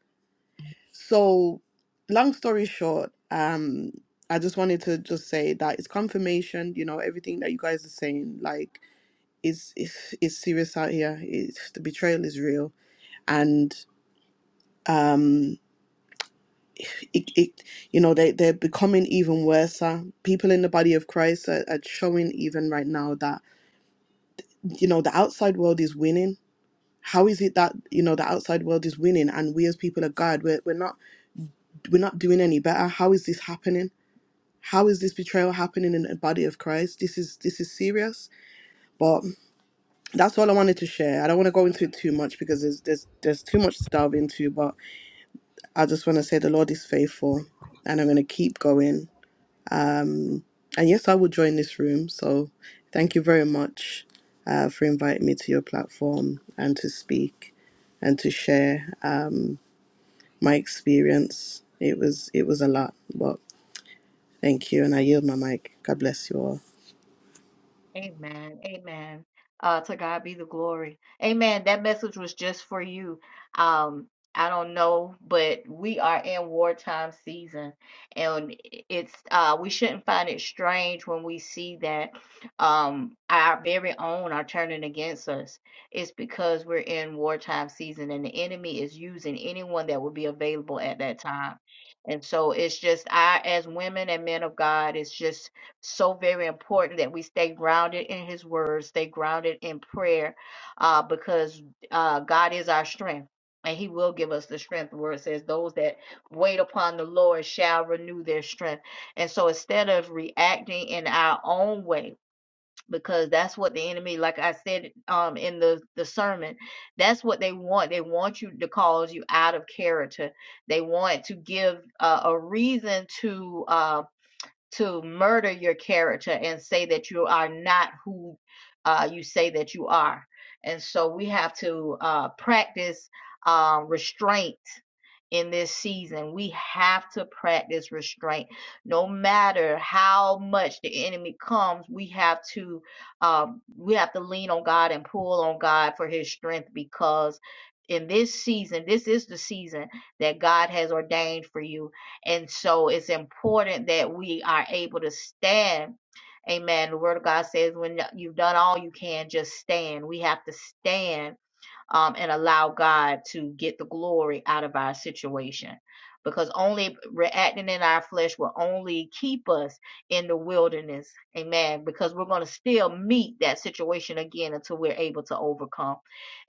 S9: So long story short, um, I just wanted to just say that it's confirmation, you know, everything that you guys are saying, like is is is serious out here. It's, the betrayal is real. And um, it, it you know they, they're becoming even worse uh, people in the body of christ are, are showing even right now that you know the outside world is winning how is it that you know the outside world is winning and we as people of god we're, we're not we're not doing any better how is this happening how is this betrayal happening in the body of christ this is this is serious but that's all i wanted to share i don't want to go
S10: I don't
S9: into
S10: want to
S9: it too much
S10: go.
S9: because there's there's there's too much to delve into but i just want to say the lord is faithful and i'm going to keep going And yes, I will join this room. So thank you very much uh, for inviting me to your platform and to speak and to share um, my experience. It was it was a lot, but thank you, and I yield my mic. God bless you all.
S1: Amen. Amen. Uh, to God be the glory. Amen. That message was just for you. Um, I don't know, but we are in wartime season, and it's uh, we shouldn't find it strange when we see that um, our very own are turning against us. It's because we're in wartime season, and the enemy is using anyone that will be available at that time. And so it's just I, as women and men of God, it's just so very important that we stay grounded in his word stay grounded in prayer uh, because uh, god is our strength and he will give us the strength the word says those that wait upon the lord shall renew their strength and so instead of reacting in our own way because that's what the enemy like i said um, in the, the sermon that's what they want they want you to cause you out of character they want to give uh, a reason to um, to murder your character and say that you are not who uh, you say that you are. And so we have to uh, practice uh, restraint in this season. We have to practice restraint. No matter how much the enemy comes, we have to um, we have to lean on God and pull on God for His strength because in this season, this is the season that God has ordained for you and so it's important that we are able to stand. Amen. The word of God says, when you've done all you can, just stand. We have to stand um, and allow God to get the glory out of our situation. Because only reacting in our flesh will only keep us in the wilderness. Amen. Because we're going to still meet that situation again until we're able to overcome.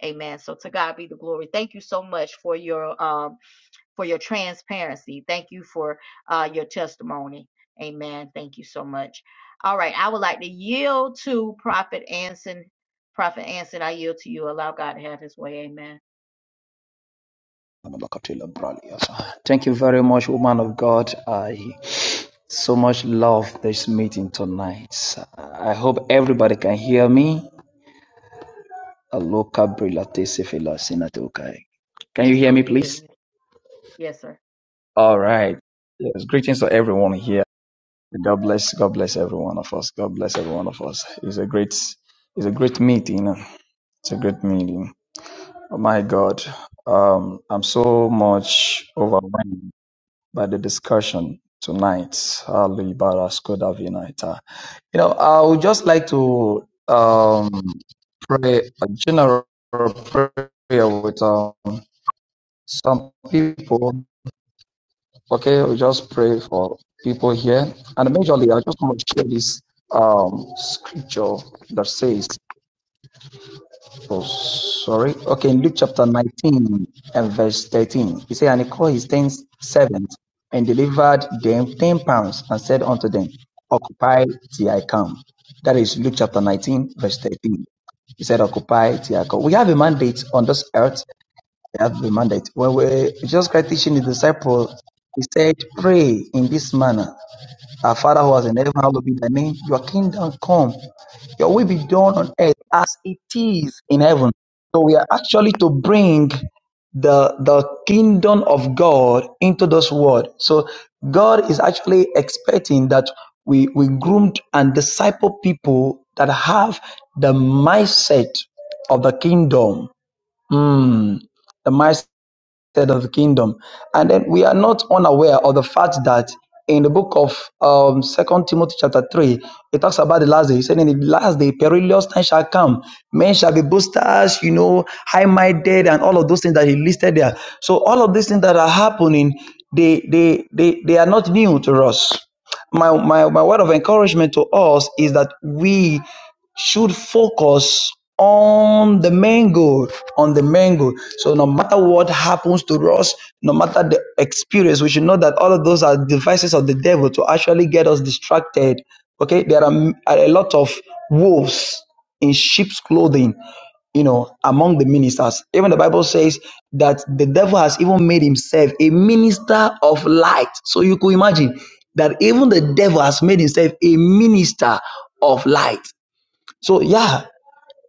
S1: Amen. So to God be the glory. Thank you so much for your um for your transparency. Thank you for uh, your testimony. Amen. Thank you so much. All right. I would like to yield to Prophet Anson. Prophet Anson, I yield to you. Allow God to have his way. Amen.
S11: Thank you very much, woman of God. I so much love this meeting tonight. I hope everybody can hear me. Aloka Brilate Sefela Sinatokai. Can you
S1: Yes,
S11: hear
S1: sir. We
S11: me,
S1: can hear
S11: please?
S1: you. Yes, sir.
S11: All right. Yes, greetings to everyone here. God bless, God bless every one of us. God bless every one of us. It's a great, it's a great meeting. It's a great meeting. Oh my God, um, I'm so much overwhelmed. by the discussion tonight. Ali Barasko Davinaita. You know, I would just like to um, pray a general prayer with um, some people. Okay, we just pray for people here, and majorly, I just want to share this um, scripture that says Oh, sorry. Okay, in Luke chapter 19 and verse 13, he said, And he called his ten servants and delivered them ten pounds and said unto them, Occupy till I come. That is Luke chapter 19, verse 13. He said, Occupy till I come. We have a mandate on this earth. We have a mandate. When we just Christ teaching the disciples, he said, Pray in this manner. Our Father who was in heaven, hallowed be thy name. Your kingdom come. Your will be done on earth as it is in heaven. So we are actually to bring the the kingdom of God into this world. So God is actually expecting that we we groomed and disciple people that have the mindset of the kingdom. Hmm. The mindset said of the kingdom and then we are not unaware of the fact that in the book of um second timothy chapter 3 it talks about the last day he said in the last day perilous time shall come men shall be boasters you know high-minded and all of those things that he listed there so all of these things that are happening they they they, they are not new to us my, my my word of encouragement to us is that we should focus on the main goal on the main goal so no matter what happens to us no matter the experience we should know that all of those are devices of the devil to actually get us distracted okay there are are a lot of wolves in sheep's clothing you know among the ministers even the bible says that the devil has even made himself a minister of light so you could imagine that even the devil has made himself a minister of light so yeah,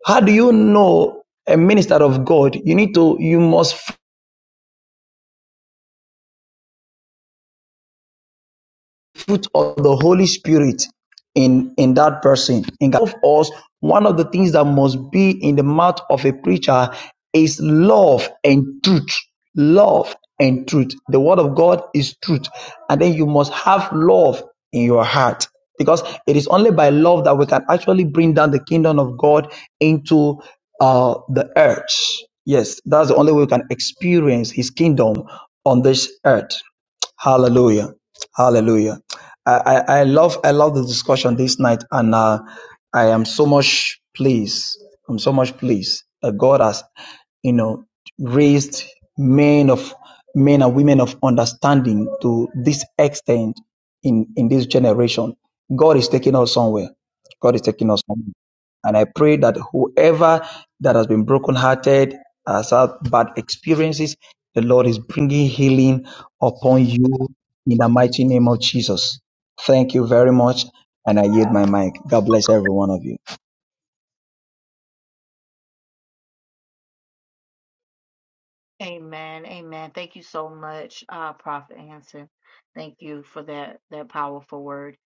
S11: how do you know a minister of God? You need to you must fruit of the Holy Spirit in in that person. In God. of us, one of the things that must be in the mouth of a preacher is love and truth. Love and truth. The word of God is truth, and then you must have love in your heart because it is only by love that we can actually bring down the kingdom of God into uh, the earth. Yes, that's the only way we can experience His kingdom on this earth. Hallelujah. Hallelujah. I, I, I love I love the discussion this night and uh, I am so much pleased. I'm so much pleased that God has, you know, raised men of men and women of understanding to this extent in, in this generation. God is taking us somewhere. God is taking us somewhere. And I pray that whoever that has been brokenhearted, has had bad experiences, the Lord is bringing healing upon you in the mighty name of Jesus. Thank you very much. And I yield my mic. God bless every one of you.
S1: Amen. Amen. Thank you so much, uh, Prophet Anson. Thank you for that that powerful word.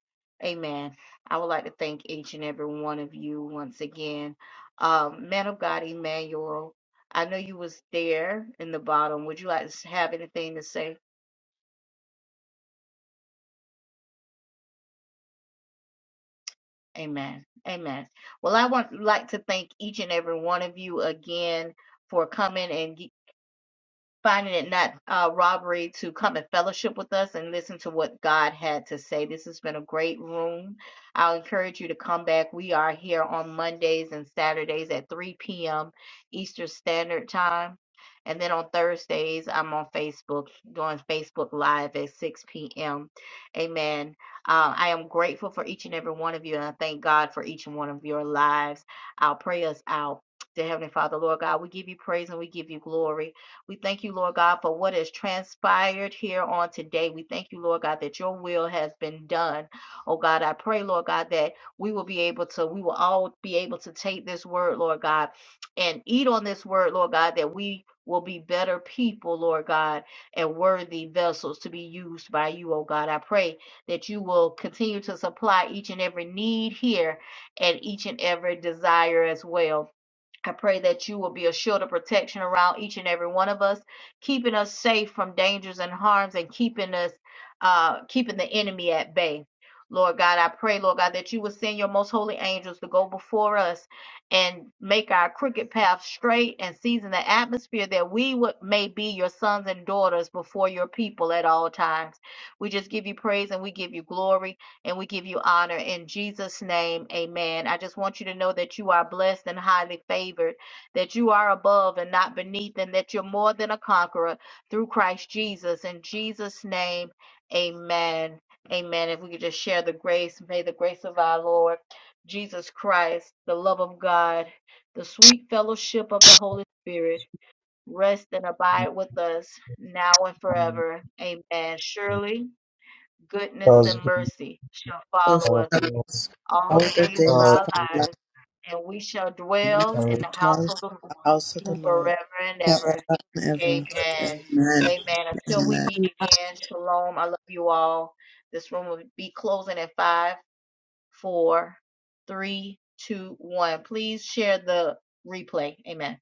S1: Amen. I would like to thank each and every one of you once again. Um, man of God, Emmanuel, I know you was there in the bottom. Would you like to have anything to say? Amen. Amen. Well, I want like to thank each and every one of you again for coming and finding it not uh, robbery to come and fellowship with us and listen to what God had to say. This has been a great room. I'll encourage you to come back. We are here on Mondays and Saturdays at 3 p.m. Eastern Standard Time. And then on Thursdays, I'm on Facebook doing Facebook Live at 6 p.m. Amen. Uh, I am grateful for each and every one of you, and I thank God for each and one of your lives. I'll pray us out. Dear Heavenly Father, Lord God, we give you praise and we give you glory. We thank you, Lord God, for what has transpired here on today. We thank you, Lord God, that your will has been done. Oh God, I pray, Lord God, that we will be able to, we will all be able to take this word, Lord God, and eat on this word, Lord God, that we will be better people, Lord God, and worthy vessels to be used by you, oh God. I pray that you will continue to supply each and every need here and each and every desire as well. I pray that you will be a shield of protection around each and every one of us, keeping us safe from dangers and harms and keeping us, uh, keeping the enemy at bay. Lord God, I pray, Lord God, that you will send your most holy angels to go before us and make our crooked path straight and season the atmosphere that we would, may be your sons and daughters before your people at all times. We just give you praise and we give you glory and we give you honor in Jesus' name. Amen. I just want you to know that you are blessed and highly favored, that you are above and not beneath, and that you're more than a conqueror through Christ Jesus. In Jesus' name, amen. Amen. If we could just share the grace, may the grace of our Lord Jesus Christ, the love of God, the sweet fellowship of the Holy Spirit rest and abide with us now and forever. Amen. Surely
S11: That
S1: goodness and
S11: was
S1: mercy shall
S9: Of
S1: follow us
S11: beautiful.
S9: us, All
S1: all the
S9: the
S1: days of
S9: days of
S11: Uh,
S1: our
S9: our life,
S1: lives, and we shall
S9: and we
S1: dwell in
S9: shall
S1: the
S9: dwell in
S1: house of the
S9: the
S1: Lord
S9: house of the Lord
S1: forever and
S9: forever
S1: ever.
S9: and ever.
S1: Amen.
S9: Amen.
S1: Amen. Until
S9: Amen.
S1: we meet again, shalom. I love you all. This room will be closing at five, four, three, two, one. Please share the replay. Amen.